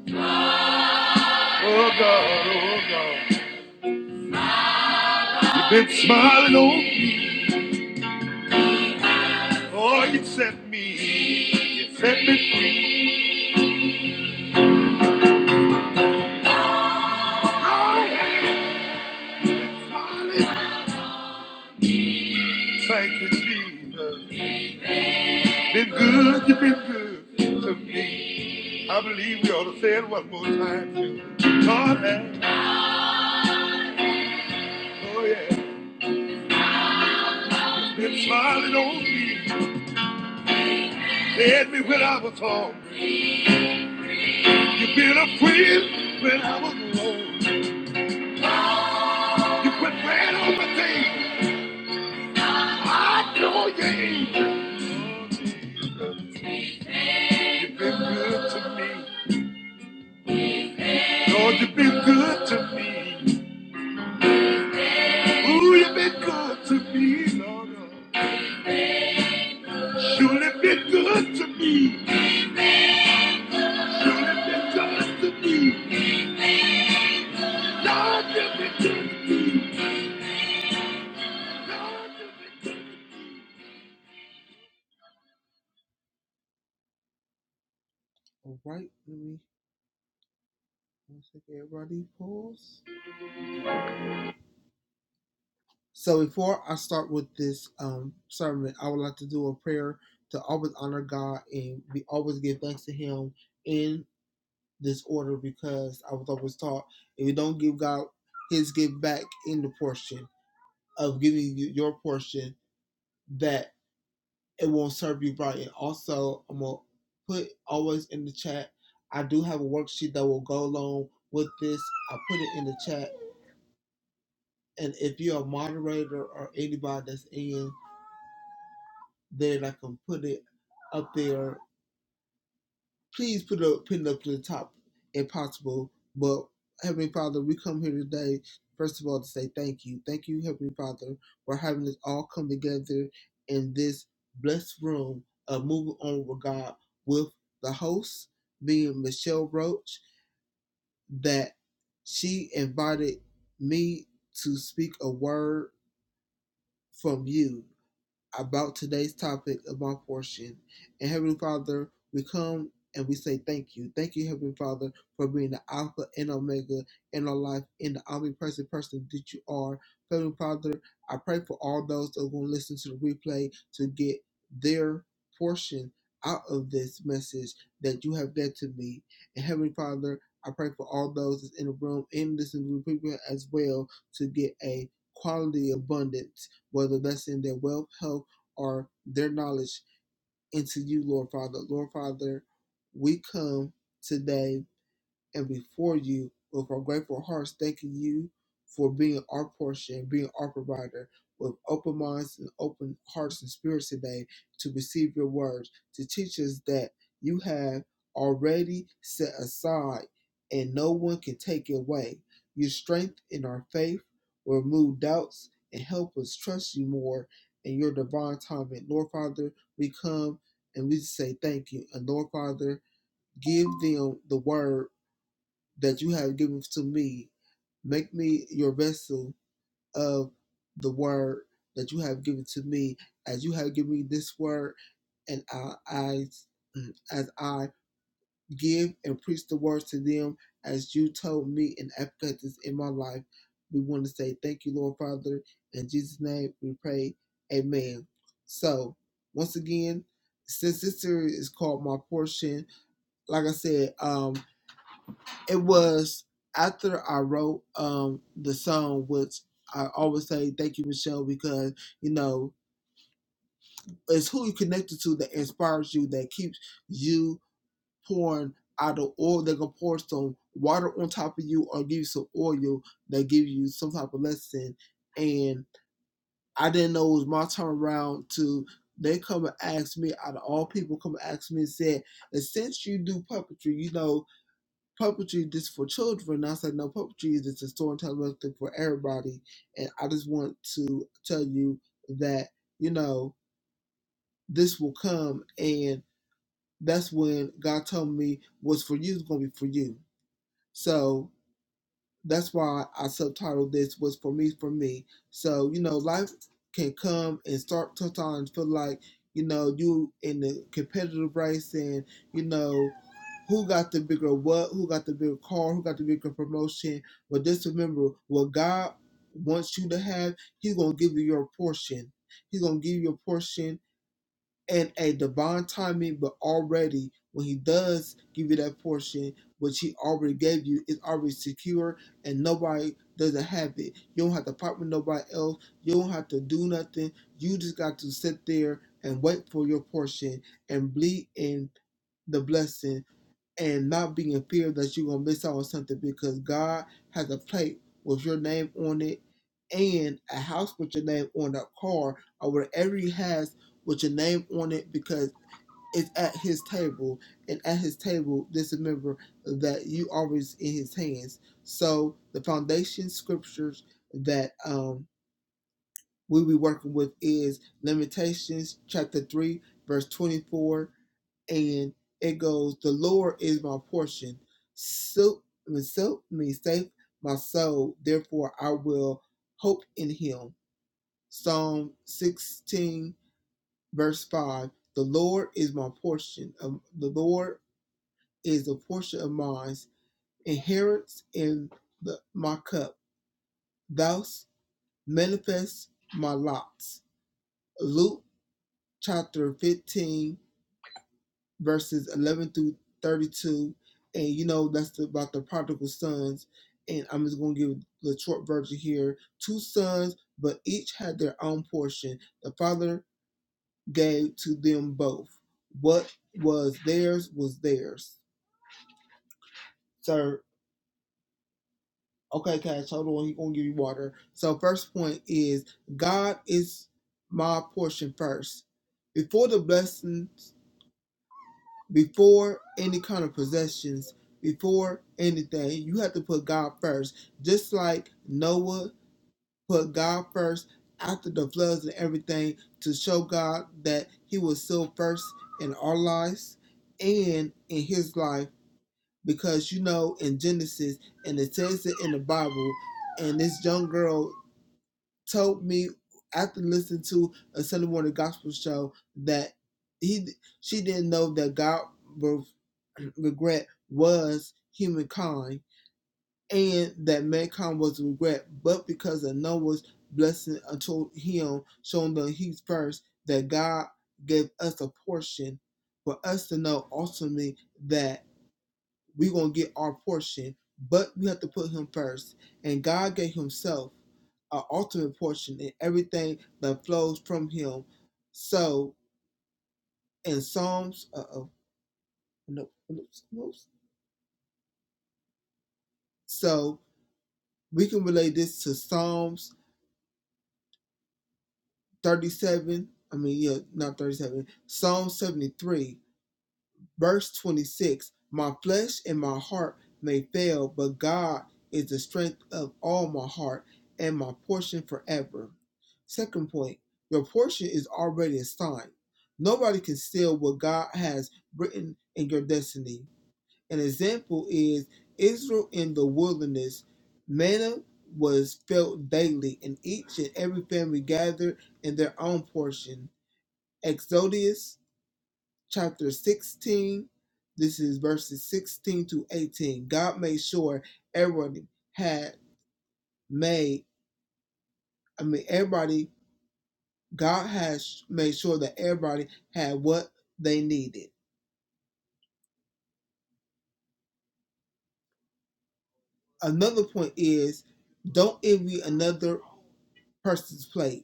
S9: Oh, God, oh, God. You've been smiling on me. Oh, you set me, you set me free. Oh, you've been smiling. Thank you, Jesus. Been good, you've been good to me. I believe we ought to say it one more time, too. God, oh, yeah. Been smiling on me. You had me when I was home. You've been a friend when I was alone. You quit playing on my thing. I know you ain't. Lord Jesus, You've been good to me. Lord, you've been good to me. Ooh, you've been good to me, Lord. Surely been good to me. Surely been good to me. Lord, you've been good to me. Lord, you've been All right, let me one second, everybody pause. So before I start with this um, sermon, I would like to do a prayer to always honor God and we always give thanks to Him in this order because I was always taught if you don't give God His give back in the portion of giving you your portion, that it won't serve you right. And also, I'm gonna put always in the chat. I do have a worksheet that will go along with this. I put it in the chat, and if you're a moderator or anybody that's in then I can put it up there. Please put it up, pin it up to the top if possible. But Heavenly Father, we come here today, first of all, to say thank you. Thank you, Heavenly Father, for having us all come together in this blessed room of moving on with God with the host being Michelle Roach, that she invited me to speak a word from you. about today's topic of my portion. And Heavenly Father, we come and we say thank you. Thank you, Heavenly Father, for being the Alpha and Omega in our life in the omnipresent person that you are. Heavenly Father, I pray for all those that are going to listen to the replay to get their portion out of this message that you have led to me. And Heavenly Father, I pray for all those that's in the room and listening to the replay as well to get a quality abundance, whether that's in their wealth, health, or their knowledge into you, Lord Father. Lord Father, we come today and before you with our grateful hearts, thanking you for being our portion, being our provider, with open minds and open hearts and spirits today to receive your words, to teach us that you have already set aside and no one can take it away. You strengthen our faith, remove doubts, and help us trust you more in your divine timing. Lord Father, we come and we say thank you. And Lord Father, give them the word that you have given to me. Make me your vessel of the word that you have given to me, as you have given me this word, and I, I as I give and preach the words to them, as you told me and advocate this in my life. We want to say thank you, Lord Father. In Jesus' name we pray. Amen. So, once again, since this series is called My Portion, like I said, um, it was after I wrote um the song, which I always say thank you, Michelle, because you know it's who you connected to that inspires you, that keeps you pouring out of oil. They're gonna pour some water on top of you or give you some oil that give you some type of lesson. And I didn't know it was my turn around to they come and ask me out of all people come and ask me and said, and since you do puppetry, you know puppetry just for children. I said, no, puppetry is just a storytelling thing for everybody. And I just want to tell you that, you know, this will come. And that's when God told me what's for you is going to be for you. So that's why I subtitled this was for me for me. So you know, life can come and start sometimes feel like you know you in the competitive race and you know who got the bigger what, who got the bigger car, who got the bigger promotion. But just remember, what God wants you to have, He's gonna give you your portion. He's gonna give you your portion and a divine timing, but already when he does give you that portion, which he already gave you, it's already secure and nobody doesn't have it. You don't have to fight with nobody else. You don't have to do nothing. You just got to sit there and wait for your portion and bleed in the blessing and not be in fear that you're gonna miss out on something because God has a plate with your name on it and a house with your name on that car or whatever he has with your name on it because it's at his table and at his table just remember that you always in his hands so the foundation scriptures that um we'll be working with is limitations chapter 3 verse 24 and it goes, "The Lord is my portion; so so me safe my soul. Therefore, I will hope in Him." Psalm sixteen, verse five: "The Lord is my portion; um, the Lord is the portion of mine, inheritance in the, my cup. Thus manifest my lots." Luke chapter fifteen. verses 11 through 32. And you know, that's the, about the prodigal sons. And I'm just going to give the short version here. Two sons, but each had their own portion. The father gave to them both. What was theirs was theirs. Sir, okay, Cash, hold on. He's going to give you water. So, first point is God is my portion first. Before the blessings before any kind of possessions, before anything. You have to put God first. Just like Noah put God first after the floods and everything to show God that he was still first in our lives and in his life. Because you know, in Genesis, and it says it in the Bible, and this young girl told me after listening to a Sunday morning gospel show that he she didn't know that God was regret was humankind and that mankind was regret, but because of Noah's blessing unto him, showing the he's first, that God gave us a portion for us to know ultimately that we're going to get our portion, but we have to put him first. And God gave himself our ultimate portion in everything that flows from him. So in Psalms, uh oh, no, no, no. So we can relate this to Psalms 37. I mean, yeah, not 37. Psalm 73, verse 26. My flesh and my heart may fail, but God is the strength of all my heart and my portion forever. Second point, your portion is already assigned. Nobody can steal what God has written in your destiny. An example is Israel in the wilderness. Manna was felt daily, and each and every family gathered in their own portion. Exodus chapter 16, this is verses 16 to 18. God made sure everybody had made, I mean, everybody, God has made sure that everybody had what they needed. Another point is don't envy another person's plate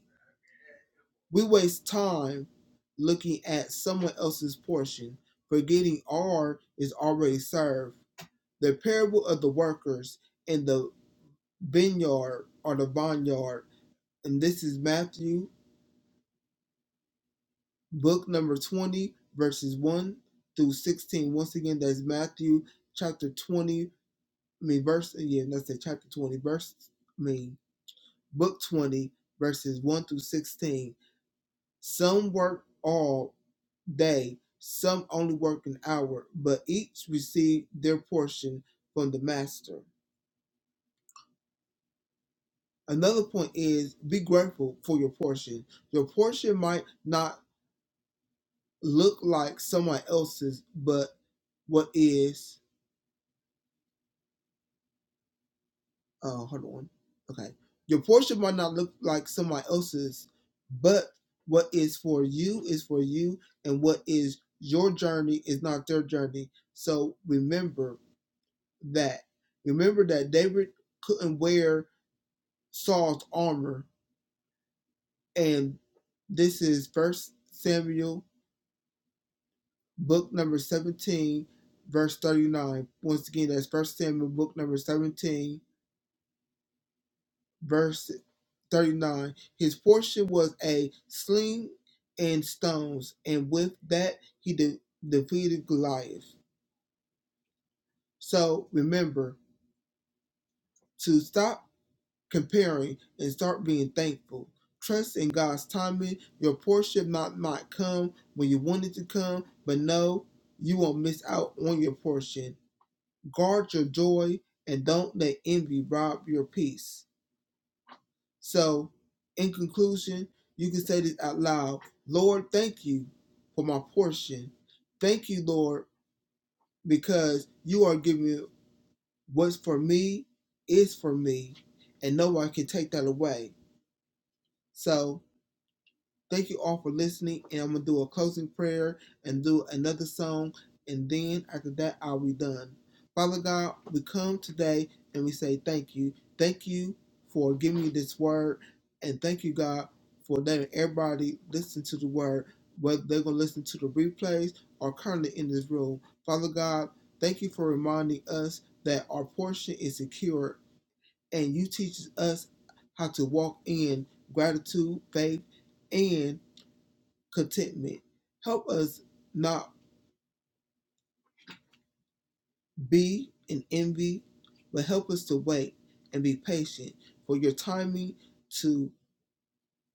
S9: We waste time looking at someone else's portion, forgetting our is already served. The parable of the workers in the vineyard or the vineyard, and this is Matthew, book number 20, verses 1 through 16. Once again, that's Matthew chapter 20, I mean, verse, yeah, that's the chapter 20, verse, I mean, book 20, verses 1 through 16. Some worked all day, some only worked an hour, but each received their portion from the master. Another point is be grateful for your portion. Your portion might not look like someone else's, but what is uh hold on. Okay. Your portion might not look like someone else's, but what is for you is for you, and what is your journey is not their journey. So remember that. Remember that David couldn't wear Saul's armor, and this is First Samuel, book number seventeen, verse thirty-nine. Once again, that's First Samuel, book number seventeen, verse thirty-nine. His portion was a sling and stones, and with that he de- defeated Goliath. So remember to stop comparing and start being thankful. Trust in God's timing. Your portion might not come when you want it to come, but no, you won't miss out on your portion. Guard your joy and don't let envy rob your peace. So, in conclusion, you can say this out loud Lord, thank you for my portion. Thank you, Lord, because you are giving me what's for me is for me, and no one can take that away. So, Thank you all for listening, and I'm gonna do a closing prayer and do another song, and then after that, I'll be done. Father God, we come today and we say thank you. Thank you for giving me this word, and thank you, God, for letting everybody listen to the word, whether they're gonna listen to the replays or currently in this room. Father God, thank you for reminding us that our portion is secure, and you teach us how to walk in gratitude, faith, and contentment. Help us not be in envy, but help us to wait and be patient for your timing to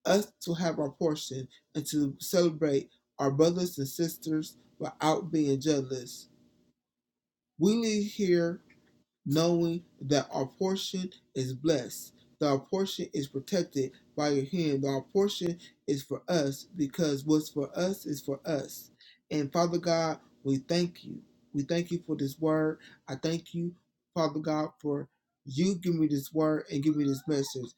S9: us to have our portion and to celebrate our brothers and sisters without being jealous. We leave here knowing that our portion is blessed, that our portion is protected by your hand, that our portion is for us because what's for us is for us. And Father God, we thank you. We thank you for this word. I thank you, Father God, for you giving me this word and giving me this message.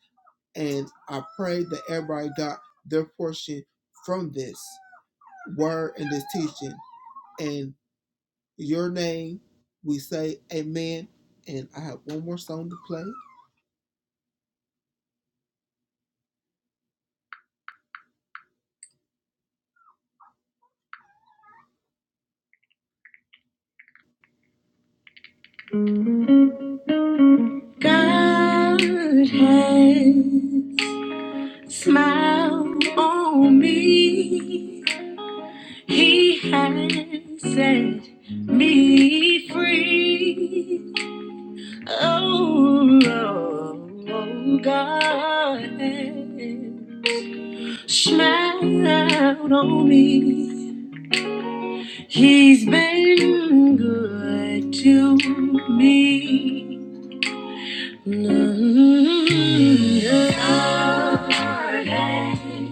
S9: And I pray that everybody got their portion from this word and this teaching. And your name. We say amen. And I have one more song to play. God has smiled on me. He has set me free. Oh, oh, oh, God has smiled on me. He's been good to me. Lord,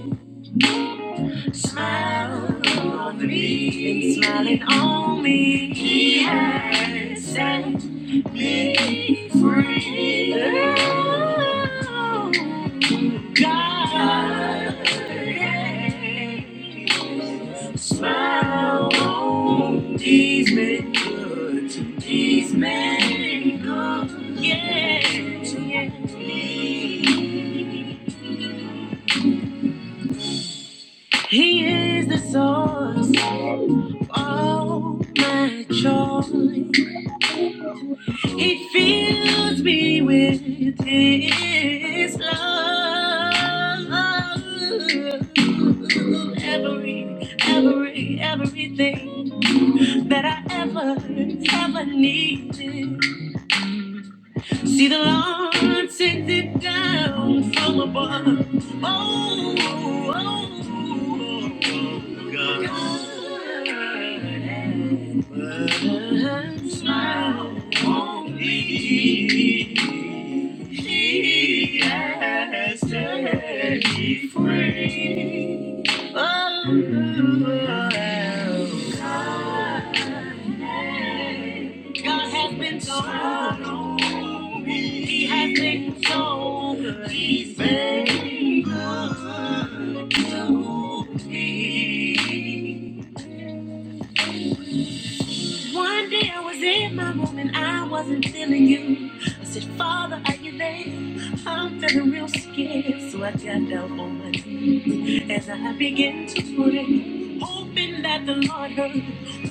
S9: Smiling on me, He's been smiling on me. He has set me free. Oh, God yes. smile on these men good. These men good. Yeah, yeah. He is the source. all my joy. It fills me with His love. Every, every, everything that I ever, ever needed. See the Lord takes it down from above. Oh, oh, oh, oh, God. But smile on me. He has set me free. Oh, oh, oh, God. God has been so good. He has been so good. He's been good to me. One day I was in my room and I wasn't feeling you. I said, Father, are you there? I'm feeling real scared. So I got down on my knees as I began to pray, hoping that the Lord heard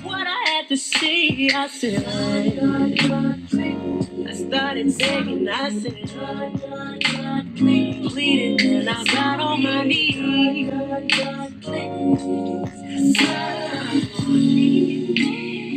S9: what I had to say. I said, "Oh, God, God, please." I started begging. I said, "God, God, God, please." pleading, and I got on my knees. "God, God, God, please." God, God, please.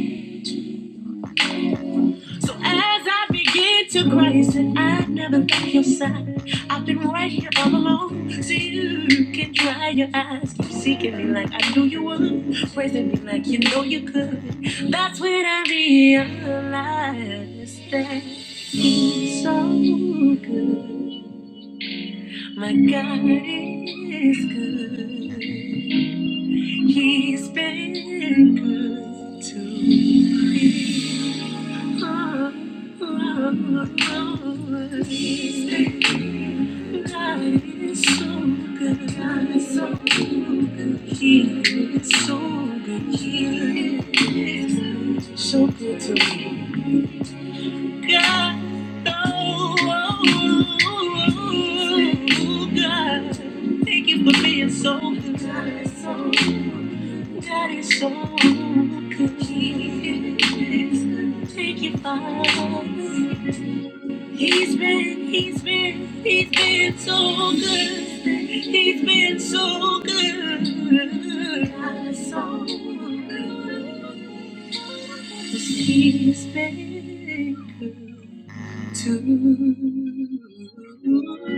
S9: So as I begin to cry, you said I've never been your side. I've been right here all alone. So you can dry your eyes. Keep seeking me like I knew you would. Praising me like you know you could. That's when I realized that he's so good. My God is good. He's been good to me. So good to me. God. Oh, oh, oh, oh, God. Thank you for being so good. God so so good. Thank you, Father. He's been, he's been, he's been so good. He's been so good. I'm so good. 'Cause He's been good to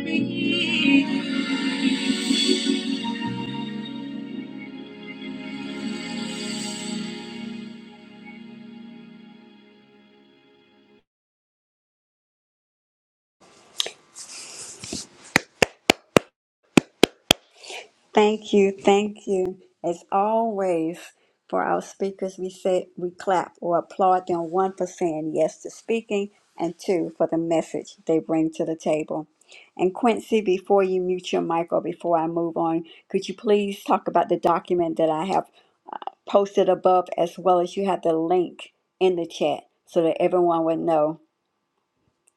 S9: me.
S1: Thank you, thank you. As always, for our speakers, we say we clap or applaud them one for saying yes to speaking and two for the message they bring to the table. And Quincy, before you mute your mic or before I move on, could you please talk about the document that I have uh, posted above as well as you have the link in the chat so that everyone would know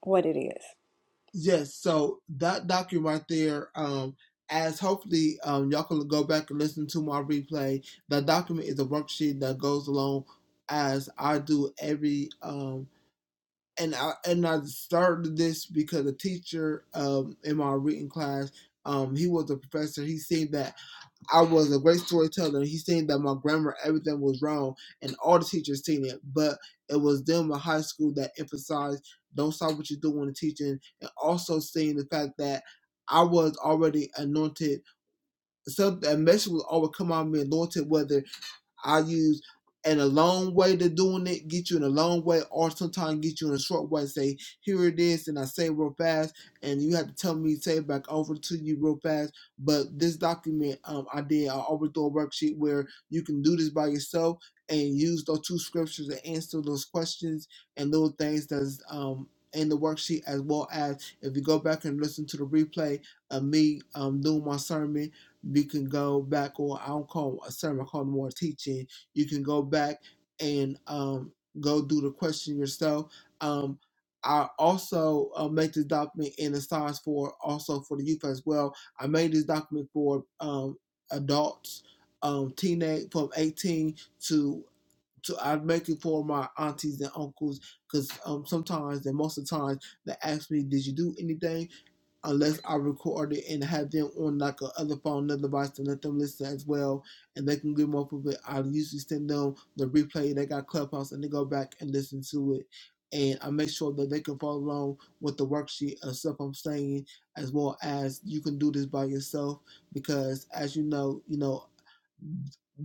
S1: what it is?
S9: Yes, so that document right there, um, as hopefully um, y'all can go back and listen to my replay. That document is a worksheet that goes along as I do every um, and I and I started this because a teacher um in my reading class, um, he was a professor. He seen that I was a great storyteller. He seen that my grammar, everything was wrong, and all the teachers seen it. But it was them in high school that emphasized don't stop what you're doing in teaching, and also seeing the fact that I was already anointed. Something a message will always come on me anointed, whether I use in a long way to doing it, get you in a long way, or sometimes get you in a short way. Say, here it is, and I say real fast, and you have to tell me, say it back over to you real fast. But this document um, I did, I overthrow a worksheet where you can do this by yourself and use those two scriptures to answer those questions and little things that's um, in the worksheet, as well as if you go back and listen to the replay of me um, doing my sermon you can go back or I don't call a sermon, I call it more teaching. You can go back and um, go do the question yourself. Um, I also uh, make this document in the size for also for the youth as well. I made this document for um, adults, um, teenage from 18 to to I make it for my aunties and uncles because um, sometimes and most of the time they ask me, "Did you do anything?" unless I record it and have them on like a other phone, another device, to let them listen as well, and they can get more of it. I usually send them the replay they got Clubhouse, and they go back and listen to it. And I make sure that they can follow along with the worksheet and stuff I'm saying, as well as you can do this by yourself because, as you know, you know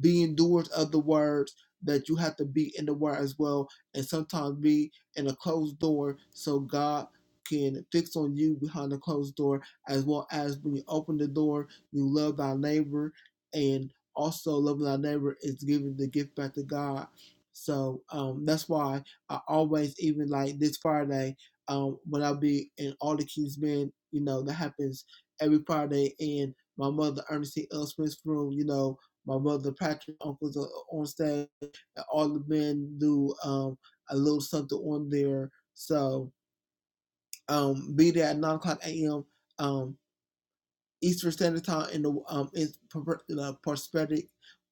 S9: be endures of the words that you have to be in the word as well and sometimes be in a closed door so god can fix on you behind the closed door as well as when you open the door you love thy neighbor and also loving thy neighbor is giving the gift back to god so um, that's why i always even like this friday um, when i be in all the kings men you know that happens every friday and my mother Ernestine L. Smith's room, you know, my brother Patrick, uncles are on stage. All the men do um, a little something on there. So um, be there at 9 o'clock a.m. Um, Eastern Standard Time in the um in the prosthetic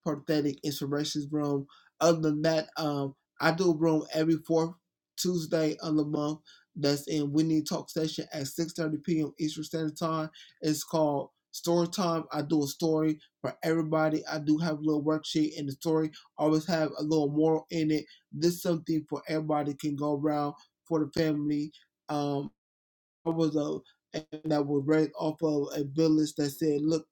S9: prosthetic inspirations room. Other than that, um I do a room every fourth Tuesday of the month that's in We Need Talk session at six thirty p.m. Eastern Standard Time. It's called Story Time. I do a story for everybody. I do have a little worksheet and the story always have a little moral in it. This is something for everybody can go around for the family. Um. I was a and I was raised off of a village that said, "Look,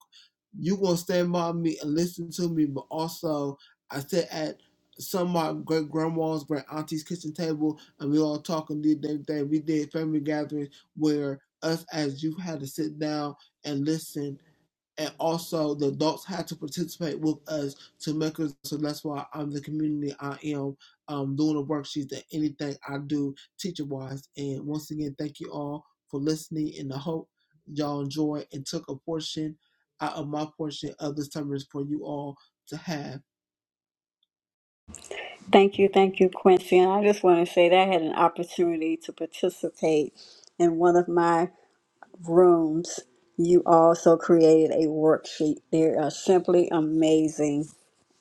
S9: you gonna stand by me and listen to me, but also I sit at some of my great grandma's, great auntie's kitchen table, and we all talking did everything. We did family gatherings where us as you had to sit down and listen and also the adults had to participate with us to make us. So that's why I'm the community I am. Um, doing the worksheets and anything I do teacher wise. And once again, thank you all for listening. And I hope y'all enjoy and took a portion out of my portion of this time for you all to have.
S1: Thank you, thank you, Quincy. And I just want to say that I had an opportunity to participate in one of my rooms. You also created a worksheet. They are simply amazing.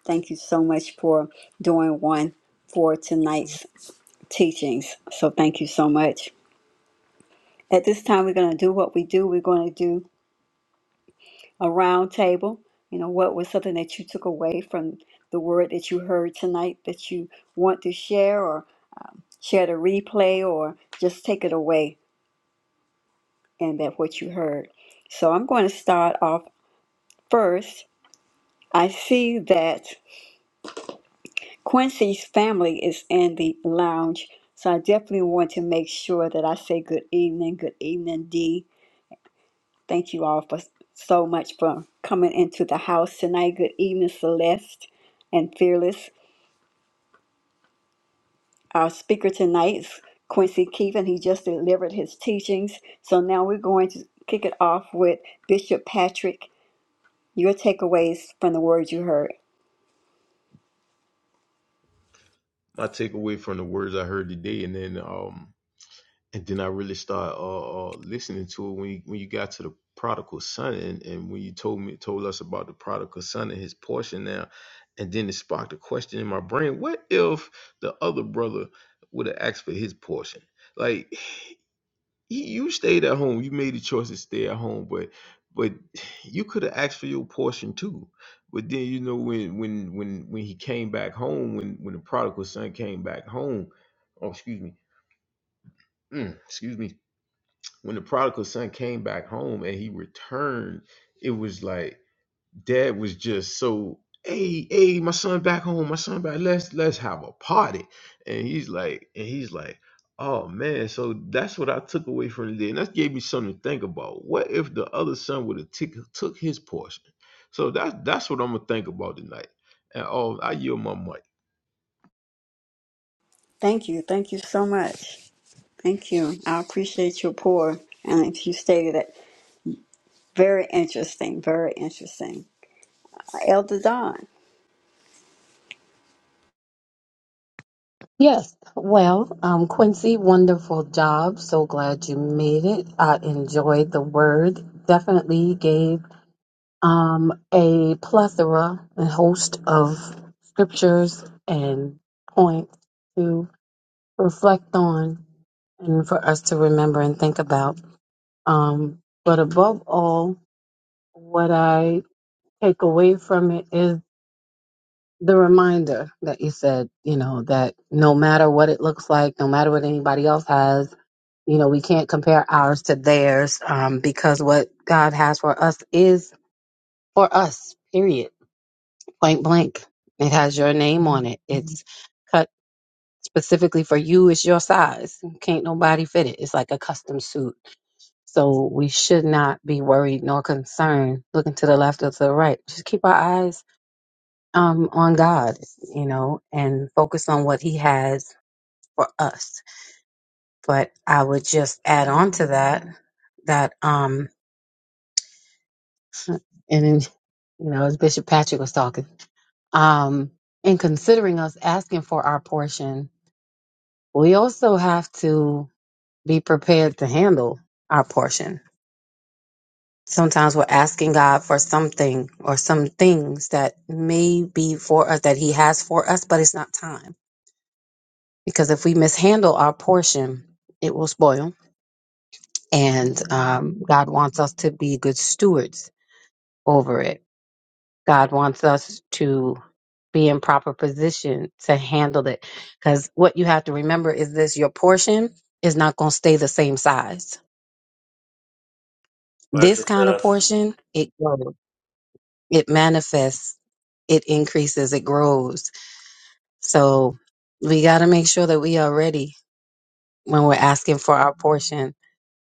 S1: Thank you so much for doing one for tonight's teachings. So thank you so much. At this time, we're going to do what we do. We're going to do a round table. You know, what was something that you took away from the word that you heard tonight that you want to share, share the replay or just take it away and that what you heard. So I'm going to start off first. I see that Quincy's family is in the lounge, so I definitely want to make sure that I say good evening, good evening, Dee. Thank you all for so much for coming into the house tonight. Good evening, Celeste and Fearless. Our speaker tonight's Quincy Keevan. He just delivered his teachings. So now we're going to kick it off with Bishop Patrick. Your takeaways from the words you heard.
S2: My takeaway from the words I heard today, and then um, and then I really started uh, uh listening to it when you, when you got to the prodigal son, and, and when you told me told us about the prodigal son and his portion now, and then it sparked a question in my brain: What if the other brother would have asked for his portion? Like you you stayed at home. You made the choice to stay at home, but but you could have asked for your portion too. But then you know when when when when he came back home, when when the prodigal son came back home, oh excuse me, mm, excuse me, when the prodigal son came back home and he returned, it was like dad was just so hey hey my son back home my son back let's let's have a party and he's like and he's like oh man so that's what i took away from the day and that gave me something to think about what if the other son would have took took his portion so that's that's what i'm gonna think about tonight and oh i yield my mic
S1: Thank you. Thank you so much. Thank you. I appreciate your pour. And if you stated it, very interesting. Very interesting. Uh, Elder Don.
S5: Yes. Well, um, Quincy, wonderful job. So glad you made it. I enjoyed the word. Definitely gave. um, a plethora and host of scriptures and points to reflect on and for us to remember and think about. Um, but above all, what I take away from it is the reminder that you said, you know, that no matter what it looks like, no matter what anybody else has, you know, we can't compare ours to theirs um, because what God has for us is for us, period point blank. It has your name on it. It's cut specifically for you. It's your size. Can't nobody fit it. It's like a custom suit. So we should not be worried nor concerned looking to the left or to the right. Just keep our eyes um, on God, you know, and focus on what He has for us. But I would just add on to that that um and then, you know as Bishop Patrick was talking um in considering us asking for our portion we also have to be prepared to handle our portion. Sometimes we're asking God for something or some things that may be for us, that He has for us, but it's not time. Because if we mishandle our portion, it will spoil. And um, God wants us to be good stewards over it. God wants us to be in proper position to handle it. Because what you have to remember is this your portion is not going to stay the same size
S6: Watch
S5: This kind of
S6: yourself.
S5: portion, it grows, it manifests, it increases, it grows. So we got to make sure that we are ready when we're asking for our portion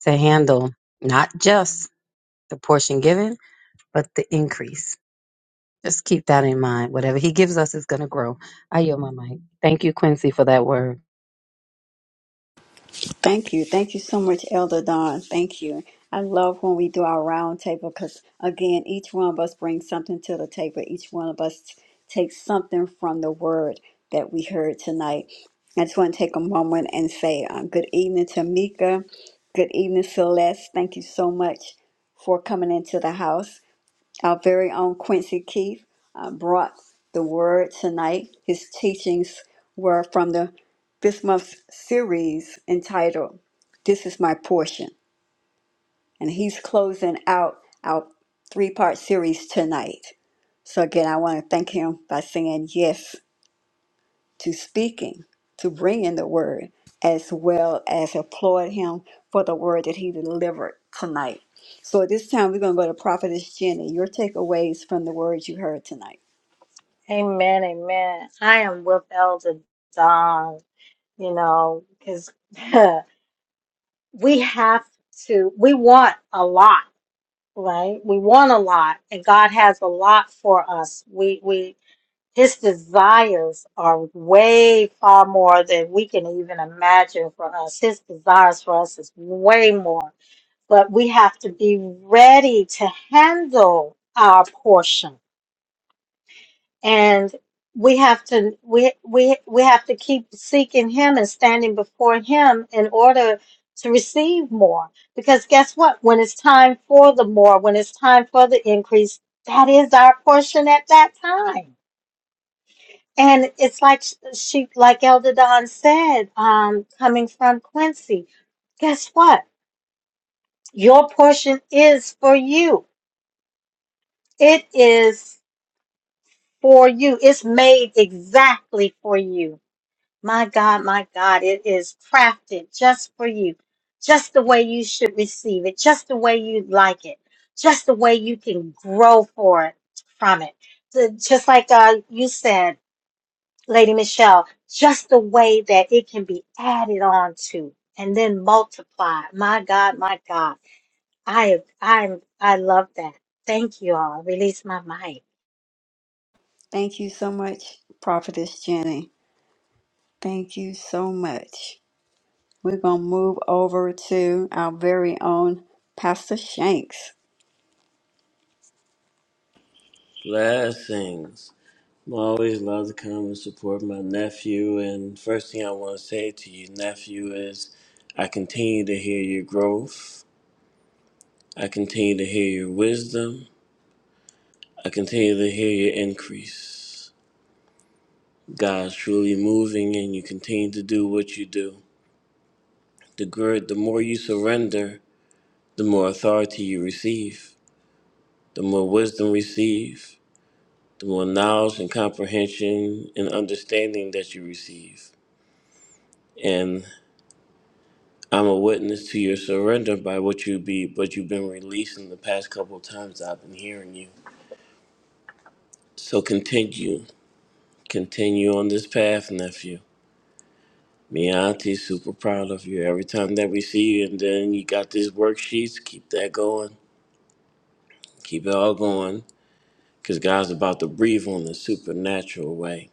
S5: to handle not just the portion given, but the increase. Just keep that in mind. Whatever he gives us is going to grow. I yield my mic. Thank you, Quincy, for that word.
S1: Thank you. Thank you so much, Elder Don. Thank you. I love when we do our round table because, again, each one of us brings something to the table. Each one of us t- takes something from the word that we heard tonight. I just want to take a moment and say uh, good evening to Mika. Good evening, Celeste. Thank you so much for coming into the house. Our very own Quincy Keith uh, brought the word tonight. His teachings were from the this month's series entitled "This Is My Portion," and he's closing out our three-part series tonight. So again, I want to thank him by saying yes to speaking, to bring in the word, as well as applaud him for the word that he delivered tonight. So at this time, we're going to go to Prophetess Jenny. Your takeaways from the words you heard tonight.
S8: Amen, amen. I am with Elder Don, you know, because we have to, we want a lot, right? We want a lot, and God has a lot for us. We we His desires are way far more than we can even imagine for us. His desires for us is way more. But we have to be ready to handle our portion. And we have to we we we have to keep seeking him and standing before him in order to receive more. Because guess what? When it's time for the more, when it's time for the increase, that is our portion at that time and it's like sh- she, like Elder Don said, um, coming from Quincy, guess what? Your portion is for you. It is for you. It's made exactly for you. My God, my God, it is crafted just for you, just the way you should receive it, just the way you like it, just the way you can grow for it from it. The- just like uh, you said. Lady Michelle, just the way that it can be added on to and then multiplied. My God, my God. I I I love that. Thank you all. Release my mic.
S1: Thank you so much, Prophetess Jenny. Thank you so much. We're going to move over to our very own Pastor Shanks.
S6: Blessings. I'm always love to come and support my nephew. And first thing I want to say to you, nephew, is I continue to hear your growth. I continue to hear your wisdom. I continue to hear your increase. God's truly moving, and you continue to do what you do. The good, the more you surrender, the more authority you receive, the more wisdom receive, through a knowledge and comprehension and understanding that you receive. And I'm a witness to your surrender by what you be, but you've been releasing the past couple of times I've been hearing you. So continue, continue on this path, nephew. Me and auntie's super proud of you every time that we see you. And then you got these worksheets, keep that going, keep it all going, because God's about to breathe on the supernatural way.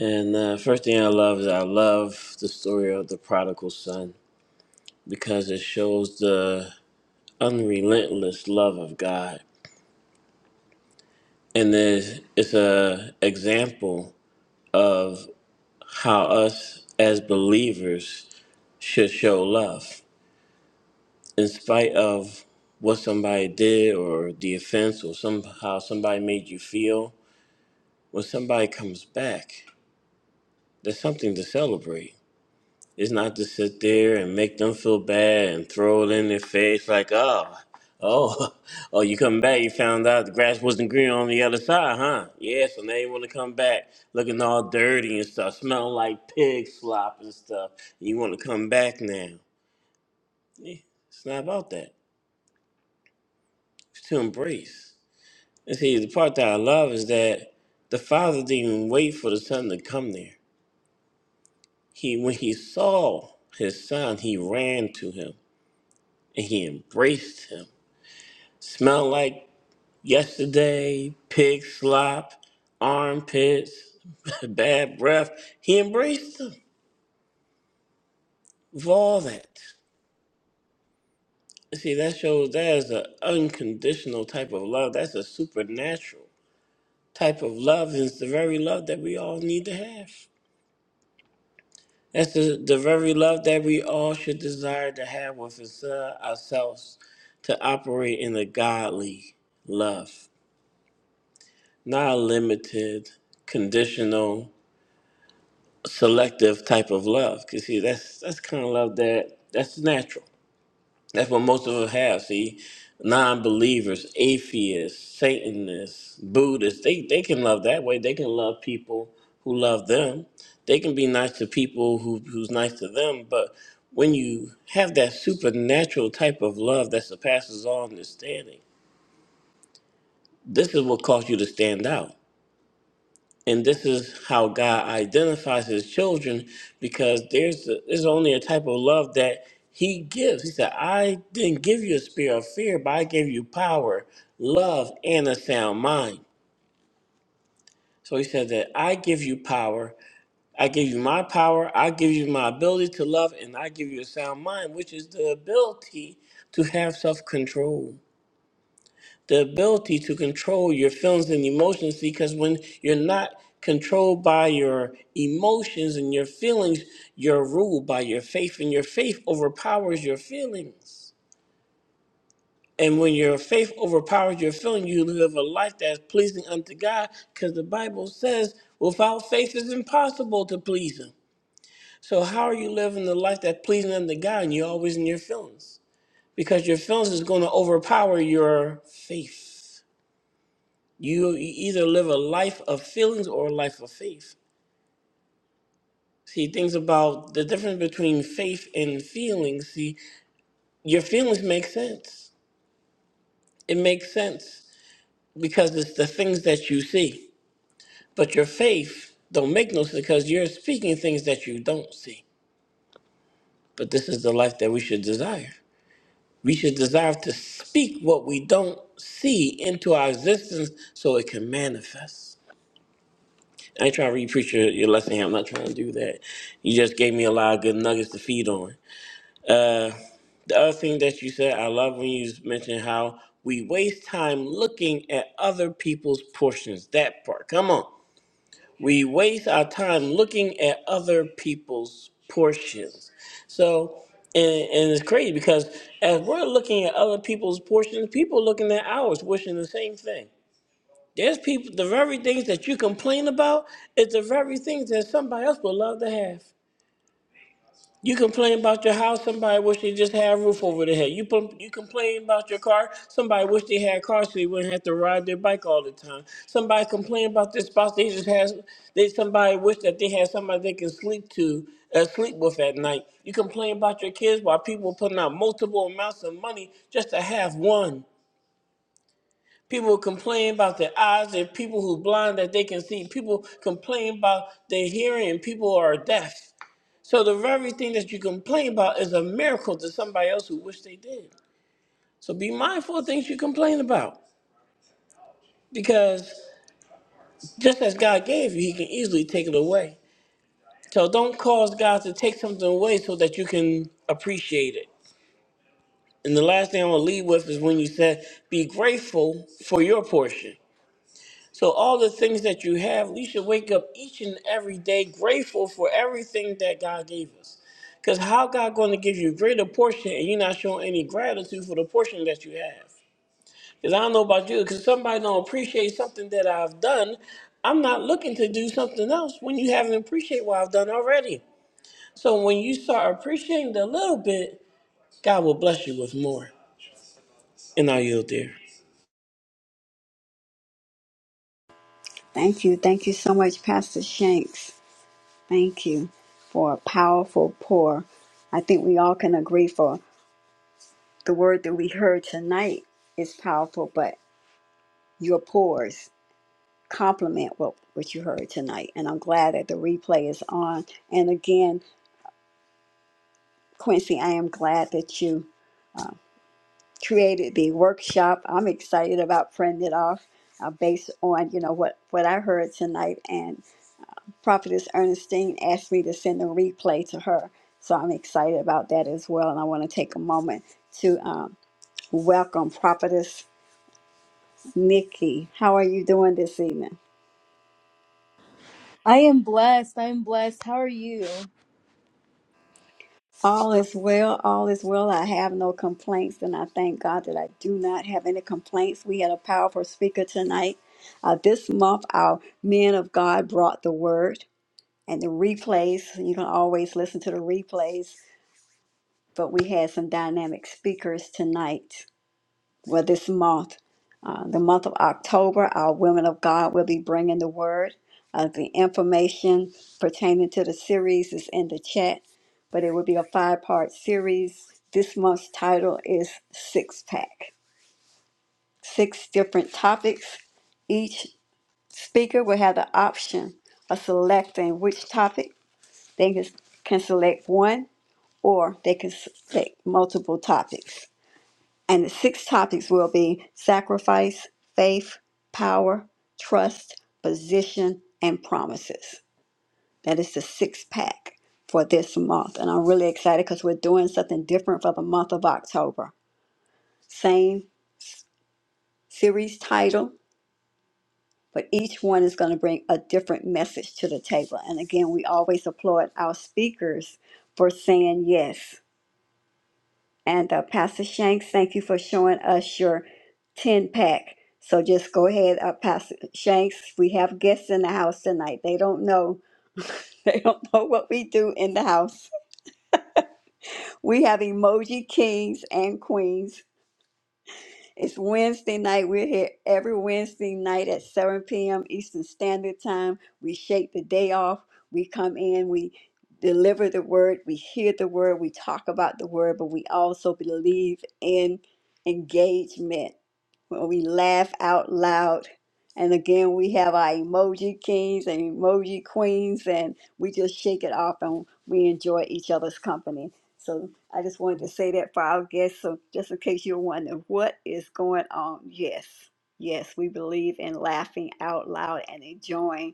S6: And uh, first thing I love is I love the story of the prodigal son because it shows the unrelentless love of God. And it's, it's a example of how us as believers should show love in spite of what somebody did or the offense or somehow somebody made you feel. When somebody comes back, there's something to celebrate It's not to sit there and make them feel bad and throw it in their face like, oh, oh, oh, you come back, you found out the grass wasn't green on the other side, huh? Yeah, so now you want to come back looking all dirty and stuff, smelling like pig slop and stuff. You want to come back now. Yeah, it's not about that. It's to embrace. And see, the part that I love is that the father didn't even wait for the son to come there. He, when he saw his son, he ran to him and he embraced him Smell like yesterday, pig slop, armpits, bad breath. He embraced them with all that. See, that shows that is an unconditional type of love. That's a supernatural type of love. and It's the very love that we all need to have. That's the, the very love that we all should desire to have with us, uh, ourselves to operate in a godly love, not a limited, conditional. selective type of love. Cause see, that's that's kind of love that that's natural. That's what most of us have. See, non-believers, atheists, Satanists, Buddhists, they they can love that way. They can love people who love them. They can be nice to people who who's nice to them. But when you have that supernatural type of love that surpasses all understanding, this is what caused you to stand out. and this is how God identifies His children, because there's there's only a type of love that He gives. He said, "I didn't give you a spirit of fear, but I gave you power, love, and a sound mind." So He said that I give you power. I give you my power. I give you my ability to love, and I give you a sound mind, which is the ability to have self control. the ability to control your feelings and emotions because when you're not controlled by your emotions and your feelings, you're ruled by your faith, and your faith overpowers your feelings. And when your faith overpowers your feeling, you live a life that's pleasing unto God because the Bible says, without faith, it's impossible to please Him. So, how are you living the life that's pleasing unto God and you're always in your feelings? Because your feelings is going to overpower your faith. You either live a life of feelings or a life of faith. See, things about the difference between faith and feelings. See, your feelings make sense. It makes sense because it's the things that you see. But your faith don't make no sense because you're speaking things that you don't see. But this is the life that we should desire. We should desire to speak what we don't see into our existence so it can manifest. I ain't trying to repreach your, your lesson here. I'm not trying to do that. You just gave me a lot of good nuggets to feed on. The other thing that you said, I love when you mentioned how we waste time looking at other people's portions. That part. Come on. We waste our time looking at other people's portions. So, and, and it's crazy because as we're looking at other people's portions, people looking at ours, wishing the same thing. There's people, the very things that you complain about is the very things that somebody else would love to have. You complain about your house, somebody wish they just had a roof over their head. You pum- you complain about your car, somebody wish they had a car so they wouldn't have to ride their bike all the time. Somebody complain about their spouse, they just has they somebody wish that they had somebody they can sleep to uh, sleep with at night. You complain about your kids while people putting out multiple amounts of money just to have one. People complain about their eyes. There are people who blind that they can see. People complain about their hearing. and People are deaf. So the very thing that you complain about is a miracle to somebody else who wish they did. So be mindful of things you complain about, because just as God gave you, He can easily take it away. So don't cause God to take something away so that you can appreciate it. And the last thing I'm gonna leave with is when you said, "Be grateful for your portion." So all the things that you have, we should wake up each and every day grateful for everything that God gave us. Because how God going to give you a greater portion and you're not showing any gratitude for the portion that you have? Because I don't know about you, because somebody don't appreciate something that I've done. I'm not looking to do something else when you haven't appreciated what I've done already. So when you start appreciating the little bit, God will bless you with more. And I yield there.
S1: Thank you. Thank you so much, Pastor Shanks. Thank you for a powerful pour. I think we all can agree for the word that we heard tonight is powerful, but your pores complement what, what you heard tonight. And I'm glad that the replay is on. And again, Quincy, I am glad that you created the workshop. I'm excited about printing it off uh, based on, you know, what, what I heard tonight. And Prophetess Ernestine asked me to send the replay to her. So I'm excited about that as well. And I want to take a moment to um, welcome Prophetess Nikki. How are you doing this evening?
S10: I am blessed. I am blessed. How are you?
S1: All is well, all is well. I have no complaints, and I thank God that I do not have any complaints. We had a powerful speaker tonight. Uh, this month, our men of God brought the word and the replays. You can always listen to the replays, but we had some dynamic speakers tonight. Well, this month, uh, the month of October, our women of God will be bringing the word. Uh, the information pertaining to the series is in the chat, but it will be a five part series. This month's title is Six Pack. Six different topics. Each speaker will have the option of selecting which topic. They can can select one or they can select multiple topics. And the six topics will be sacrifice, faith, power, trust, position, and promises. That is the six pack for this month. And I'm really excited because we're doing something different for the month of October. Same series title, but each one is going to bring a different message to the table. And again, we always applaud our speakers for saying yes And uh, Pastor Shanks, thank you for showing us your 10 pack. So just go ahead, uh, Pastor Shanks. We have guests in the house tonight. They don't know. They don't know what we do in the house. We have emoji kings and queens. It's Wednesday night. We're here every Wednesday night at 7 p.m. Eastern Standard Time. We shake the day off. We come in, we deliver the word, we hear the word, we talk about the word, but we also believe in engagement when we laugh out loud. And again, we have our emoji kings and emoji queens, and we just shake it off and we enjoy each other's company. So I just wanted to say that for our guests. So just in case you're wondering what is going on, yes, yes, we believe in laughing out loud and enjoying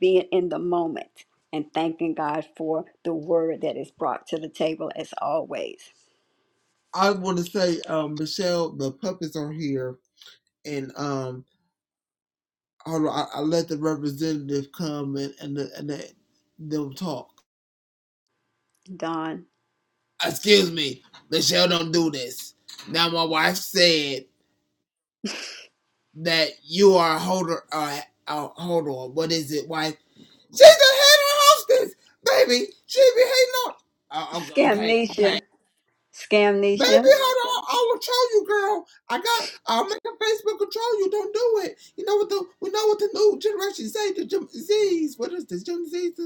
S1: being in the moment and thanking God for the word that is brought to the table as always.
S9: I want to say, um, Michelle, the puppets are here, and um, I, I let the representative come and and, the, and the, them talk.
S1: Don,
S9: excuse me, Michelle, don't do this. Now my wife said that you are a holder, uh, a hold on, what is it, wife? She's a head of hostess, baby. She be hating on. Oh, okay, okay,
S1: scamnesia,
S9: Baby,
S1: scamnesia.
S9: hold on. I will show you, girl. I got. I'll make a Facebook control you. Don't do it. You know what the we know what the new generation say. The Gen Z's. What is this? Gen Z's.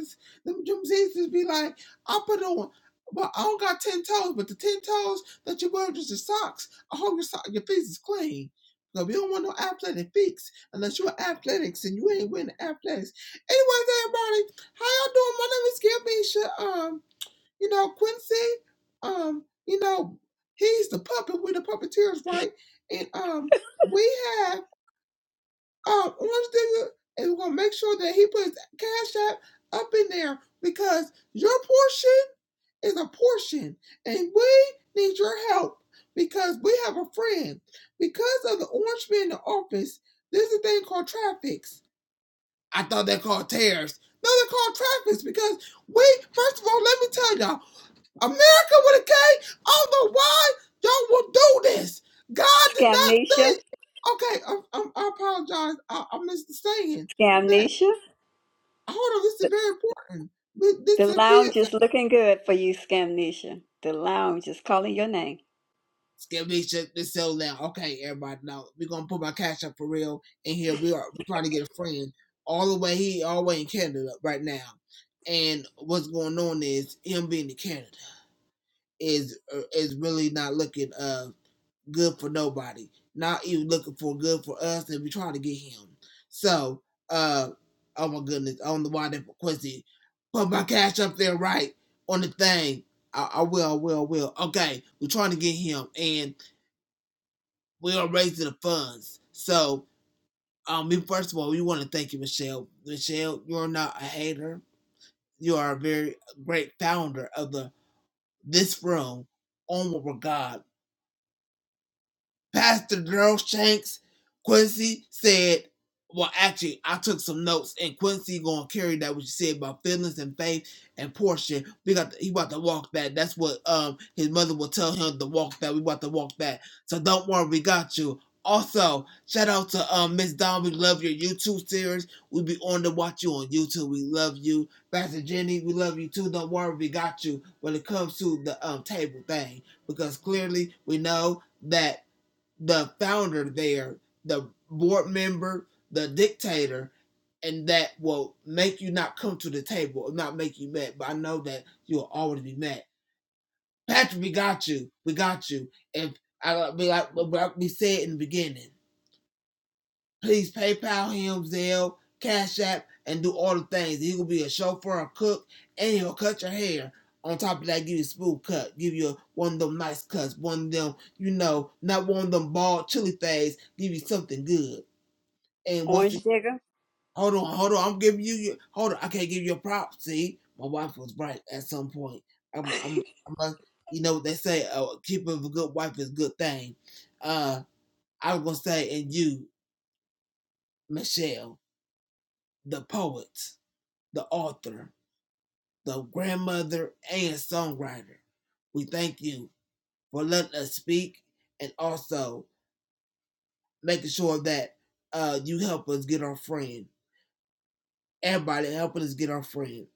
S9: Them Gen Z's be like. I put on. Well, I don't got ten toes, but the ten toes that you wear is your socks. I hope your so- your feet is clean. No, we don't want no athletic feet unless you're athletics and you ain't wearing athletics. Anyways, everybody, how y'all doing? My name is Gabisha. Um, you know, Quincy, um, you know, he's the puppet. We're the puppeteers, right? And um, we have um Orange Digger, and we're gonna make sure that he puts Cash App up in there because your portion is a portion, and we need your help because we have a friend. Because of the orange man in the office, there's a thing called traffic. I thought they're called tariffs. No, they're called traffics because we, first of all, let me tell y'all, America with a K, I don't know why y'all will do this. God did not
S1: Scamnesia,
S9: say, okay, I, I, I apologize. I, I missed the saying that,
S1: Scamnesia,
S9: hold on, this
S1: the,
S9: is very important.
S1: the
S9: This is a P S
S1: lounge
S9: A.
S1: is looking good for you, Scamnesia. The lounge is calling your name.
S9: Skip me, shut this so loud. Okay, everybody, now we're going to put my cash up for real in here. We are we're trying to get a friend all the way, he all the way in Canada right now. And what's going on is him being in Canada. is uh, is really not looking uh good for nobody. Not even looking for good for us, and we trying to get him. So, uh, oh my goodness, on the wide for Quincy, put my cash up there right on the thing. I, I will, I will, I will. Okay, we're trying to get him, and we are raising the funds. So, um, we first of all, we want to thank you, Michelle. Michelle, you're not a hater. You are a very great founder of the this room, Onward with God Pastor Girlshanks Quincy said, well, actually, I took some notes, and Quincy gonna carry that what you said about feelings and faith and portion. We got to, he about to walk that. That's what um his mother will tell him to walk that. We about to walk that. So don't worry, we got you. Also, shout out to um Miss Dawn. We love your YouTube series. We be on to watch you on YouTube. We love you, Pastor Jenny. We love you too. Don't worry, we got you when it comes to the um table thing because clearly we know that the founder there, the board member, the dictator, and that will make you not come to the table or not make you mad. But I know that you'll always be mad. Patrick, we got you. We got you. If I like we like- we like we said in the beginning. Please PayPal him, Zelle, Cash App, and do all the things. He will be a chauffeur, a cook, and he'll cut your hair. On top of that, give you a smooth cut. Give you a, one of them nice cuts. One of them, you know, not one of them bald chili things. Give you something good. And once again,
S1: Orange Digger.
S9: hold on, hold on. I'm giving you your, hold on. I can't give you a prop. See, my wife was right at some point. I'm, I'm, I'm a, you know what they say, uh, keeping a good wife is a good thing. Uh, I was going to say, and you, Michelle, the poet. the author, the grandmother, and songwriter. We thank you for letting us speak and also making sure that uh, you help us get our friend. Everybody helping us get our friend.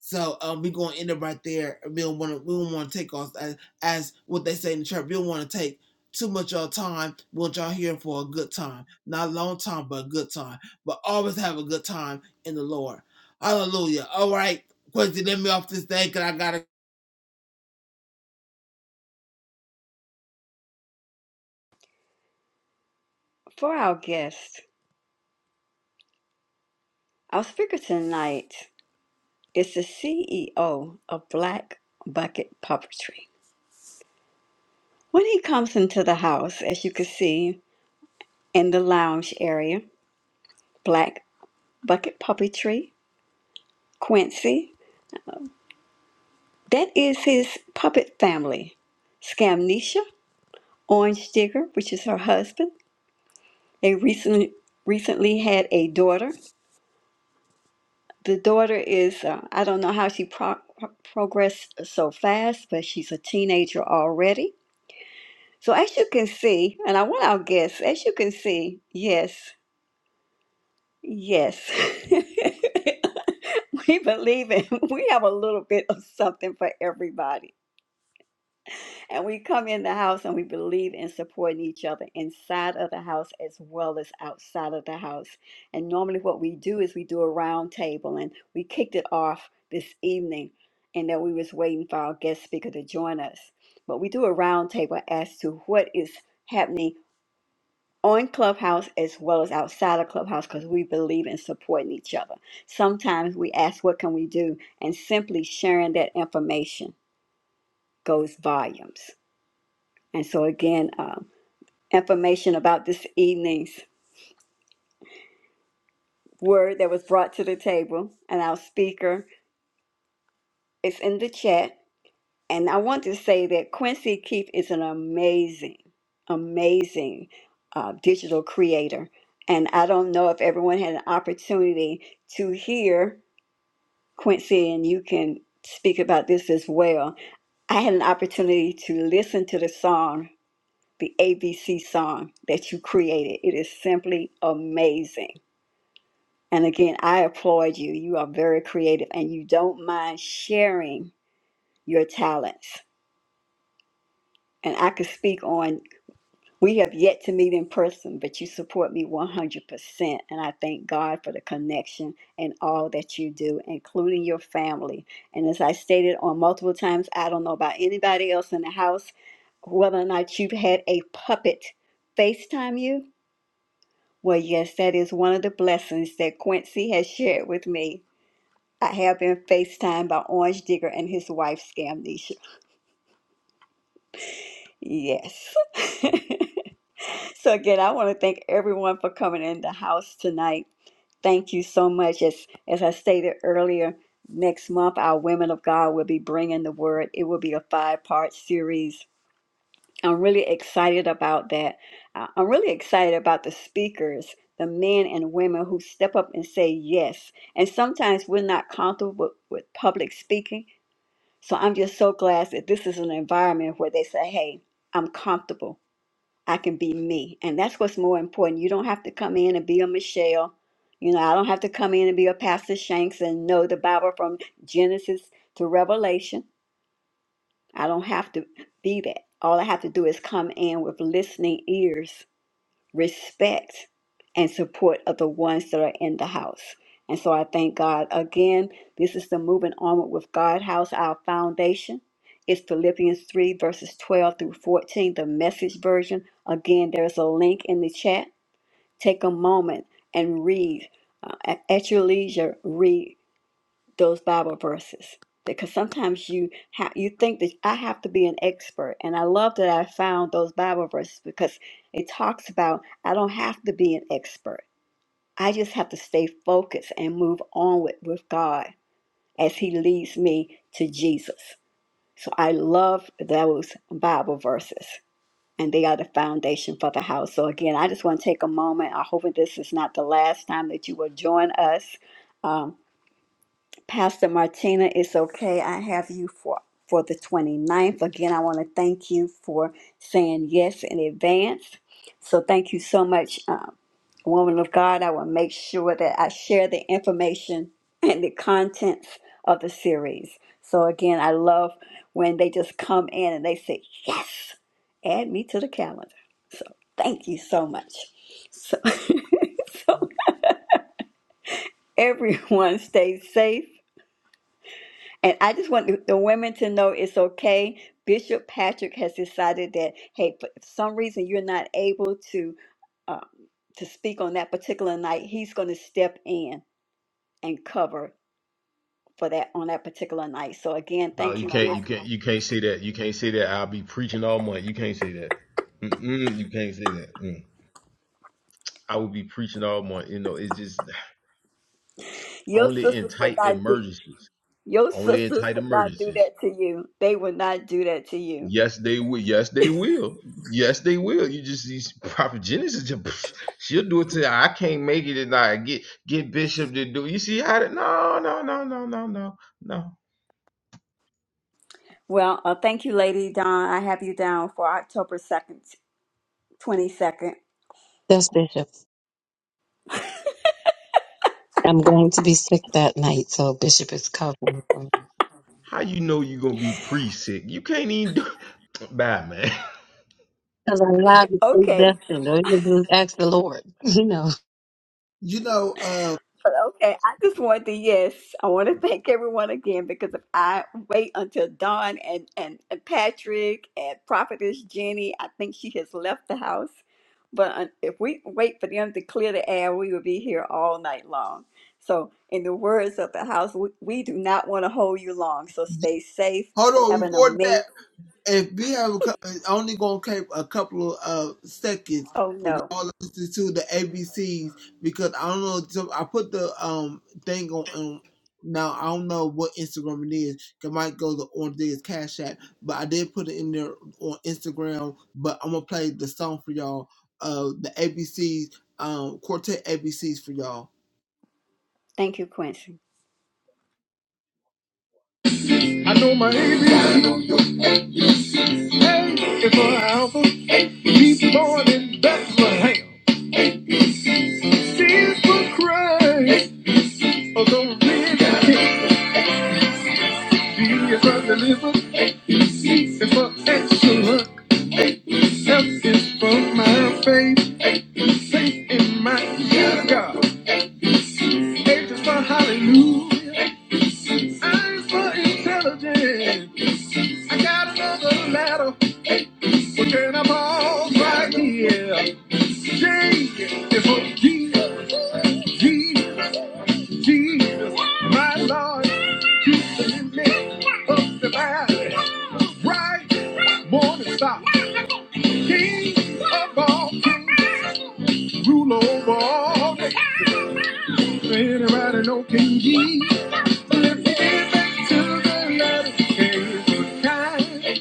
S9: So um, we're gonna end up right there. We don't want to. We don't want to take off as, as what they say in the church. We don't want to take too much of your time. We want y'all here for a good time, not a long time, but a good time. But always have a good time in the Lord. Hallelujah. All right, Quincy, let me off this thing because I gotta
S1: for our guest, our speaker tonight is the CEO of Black Bucket Puppetry. When he comes into the house, as you can see in the lounge area, Black Bucket Puppetry, Quincy, that is his puppet family. Scamnesia, Orange Digger, which is her husband, They recently recently had a daughter. The daughter is uh, I don't know how she pro- progressed so fast, but she's a teenager already. So as you can see, and I want our guests, as you can see, yes, yes. We believe in, we have a little bit of something for everybody. And we come in the house and we believe in supporting each other inside of the house as well as outside of the house. And normally, what we do is we do a round table, and we kicked it off this evening, and that we was waiting for our guest speaker to join us. But we do a round table as to what is happening on Clubhouse as well as outside of Clubhouse because we believe in supporting each other. Sometimes we ask, "What can we do?" and simply sharing that information goes volumes. And so again. Um, information about this evening's word that was brought to the table and our speaker is in the chat and i want to say that quincy keith is an amazing amazing uh, digital creator and i don't know if everyone had an opportunity to hear quincy and you can speak about this as well i had an opportunity to listen to the song the abc song that you created it is simply amazing And again, I applaud you. You are very creative and you don't mind sharing your talents. And I could speak on, we have yet to meet in person, but you support me 100%. And I thank God for the connection and all that you do, including your family. And as I stated on multiple times, I don't know about anybody else in the house, whether or not you've had a puppet FaceTime you. Well, yes, that is one of the blessings that Quincy has shared with me I have been FaceTimed by Orange Digger and his wife, Scamnesia. Yes. so again, I want to thank everyone for coming in the house tonight. Thank you so much. As as I stated earlier, next month our Women of God will be bringing the word. It will be a five part series. I'm really excited about that. I- I'm really excited about the speakers, the men and women who step up and say yes. And sometimes we're not comfortable with, with public speaking So I'm just so glad that this is an environment where they say, hey, I'm comfortable. I can be me. And that's what's more important. You don't have to come in and be a Michelle. You know, I don't have to come in and be a Pastor Shanks and know the Bible from Genesis to Revelation. I don't have to be that. All I have to do is come in with listening ears respect and support of the ones that are in the house. And so I thank God again. This is the moving onward with God house, our foundation. It's Philippians 3, verses 12 through 14, the message version. Again, there's a link in the chat. Take a moment and read uh, at at your leisure. Read those Bible verses because sometimes you ha- you think that I have to be an expert, and I love that I found those Bible verses because it talks about I don't have to be an expert. I just have to stay focused and move on with, with God as He leads me to Jesus. So I love those Bible verses, and they are the foundation for the house. So again, I just want to take a moment. I hope that this is not the last time that you will join us. Um, Pastor Martina, it's okay. I have you for for the twenty ninth Again, I want to thank you for saying yes in advance. So thank you so much, uh, woman of God. I will make sure that I share the information and the contents of the series. So again, I love when they just come in and they say, yes, add me to the calendar. So thank you so much. So, so everyone stay safe. And I just want the the women to know it's okay. Bishop Patrick has decided that, hey, for if some reason you're not able to um, to speak on that particular night, he's going to step in and cover for that on that particular night. So again,
S2: no
S1: thank
S2: you
S1: you,
S2: can't you
S1: Bishop.
S2: can't you can't say that you can't say that i'll be preaching all month you can't say that Mm-mm, you can't say that Mm. i will be preaching all month you know it's just
S1: Your
S2: only in
S1: sisters will
S2: tight
S1: not do
S2: emergencies
S1: your
S2: Only in
S1: sisters
S2: tight
S1: will not do
S2: emergencies.
S1: that to you. They will not do that to you.
S2: Yes, they will. Yes, they will. Yes, they will. You just these prophet Genesis. Just, she'll do it to I can't make it tonight. get get Bishop to do. You see how? that- No, no, no, no, no, no, no.
S1: Well, uh, thank you, Lady Dawn. I have you down for October second, twenty second.
S5: Yes, Bishop. I'm going to be sick that night, so Bishop is covering for me.
S2: How you know you gonna be pre sick? You can't even do. Bye, man.
S5: Because I'm not
S1: Okay,
S5: predestined. All you can do is ask the Lord. You know.
S9: You know, uh,
S1: But okay, I just want to yes, I want to thank everyone again because if I wait until Dawn and, and, and Patrick and Prophetess Jenny, I think she has left the house. But uh, if we wait for them to clear the air, we will be here all night long. So, in the words of the house, we, we do not want to hold you long. So, stay safe.
S9: hold
S1: Have
S9: on.
S1: an
S9: Before that,
S1: amazing.
S9: if we have a, cou- it's only gonna take a couple of uh, seconds
S1: Oh
S9: for
S1: no,
S9: y'all to listen to the ABCs because I don't know. So I put the um thing on. Um, now I don't know what Instagram it is. It might go to on this Cash App, but I did put it in there on Instagram. But I'm gonna play the song for y'all. Uh, the ABCs, um, quartet ABCs for y'all.
S1: thank you, Quincy.
S9: I know my ABCs. Before I was be born in Bethlehem, sins for Christ. Although really can't be if I deliver, if I excellent, help is from my faith, faith in my God. H is for hallelujah, I is for intelligence. I got another letter, we're turning up right here. J is for Jesus. Jesus, my Lord, he's the limit of the valley. Right, morning star, King of all kings, rule over all nations. Anybody know King Jesus? Let's give it to the letter K. Good times,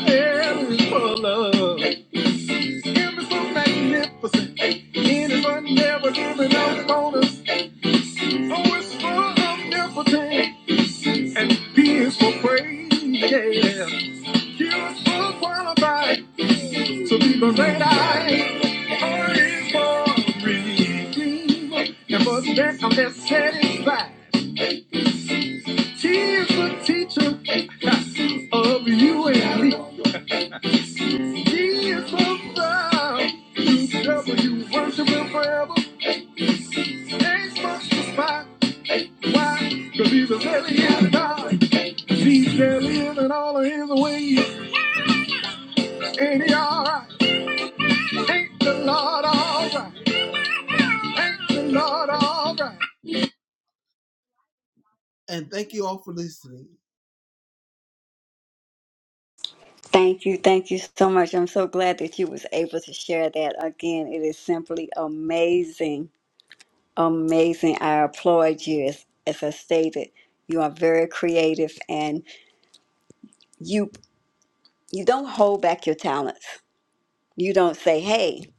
S9: and for love. Him is so magnificent, and his never giving out bonus. So it's full of omnipotence. and beings for praise, Yeah. He was full qualified to be the great I am. is for redeemed and was met and best satisfied. He is the teacher of you and me. He is the love who you worship will forever. Ain't much to spot. Why? Because he's a very young God. He's very in all of his ways. And he alright? Thank the Lord, all right. Thank the Lord, all right. And thank you all for listening.
S1: Thank you, thank you so much. I'm so glad that you was able to share that again. It is simply amazing amazing. I applaud you. As, as I stated, you are very creative and you you don't hold back your talents. You don't say, "Hey,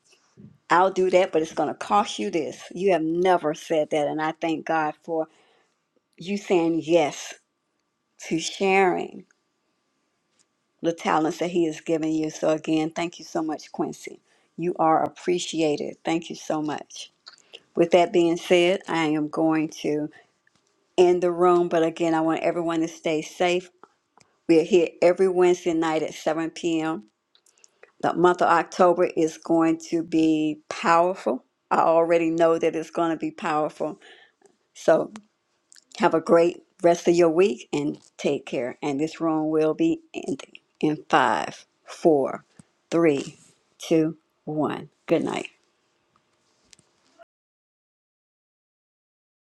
S1: I'll do that, but it's going to cost you this." You have never said that, and I thank God for you saying yes to sharing the talents that He has given you. So again, thank you so much, Quincy. You are appreciated. Thank you so much. With that being said, I am going to end the room, but again, I want everyone to stay safe We're here every Wednesday night at 7 p.m. The month of October is going to be powerful. I already know that it's going to be powerful. So have a great rest of your week and take care. And this room will be ending in five, four, three, two, one. Good night.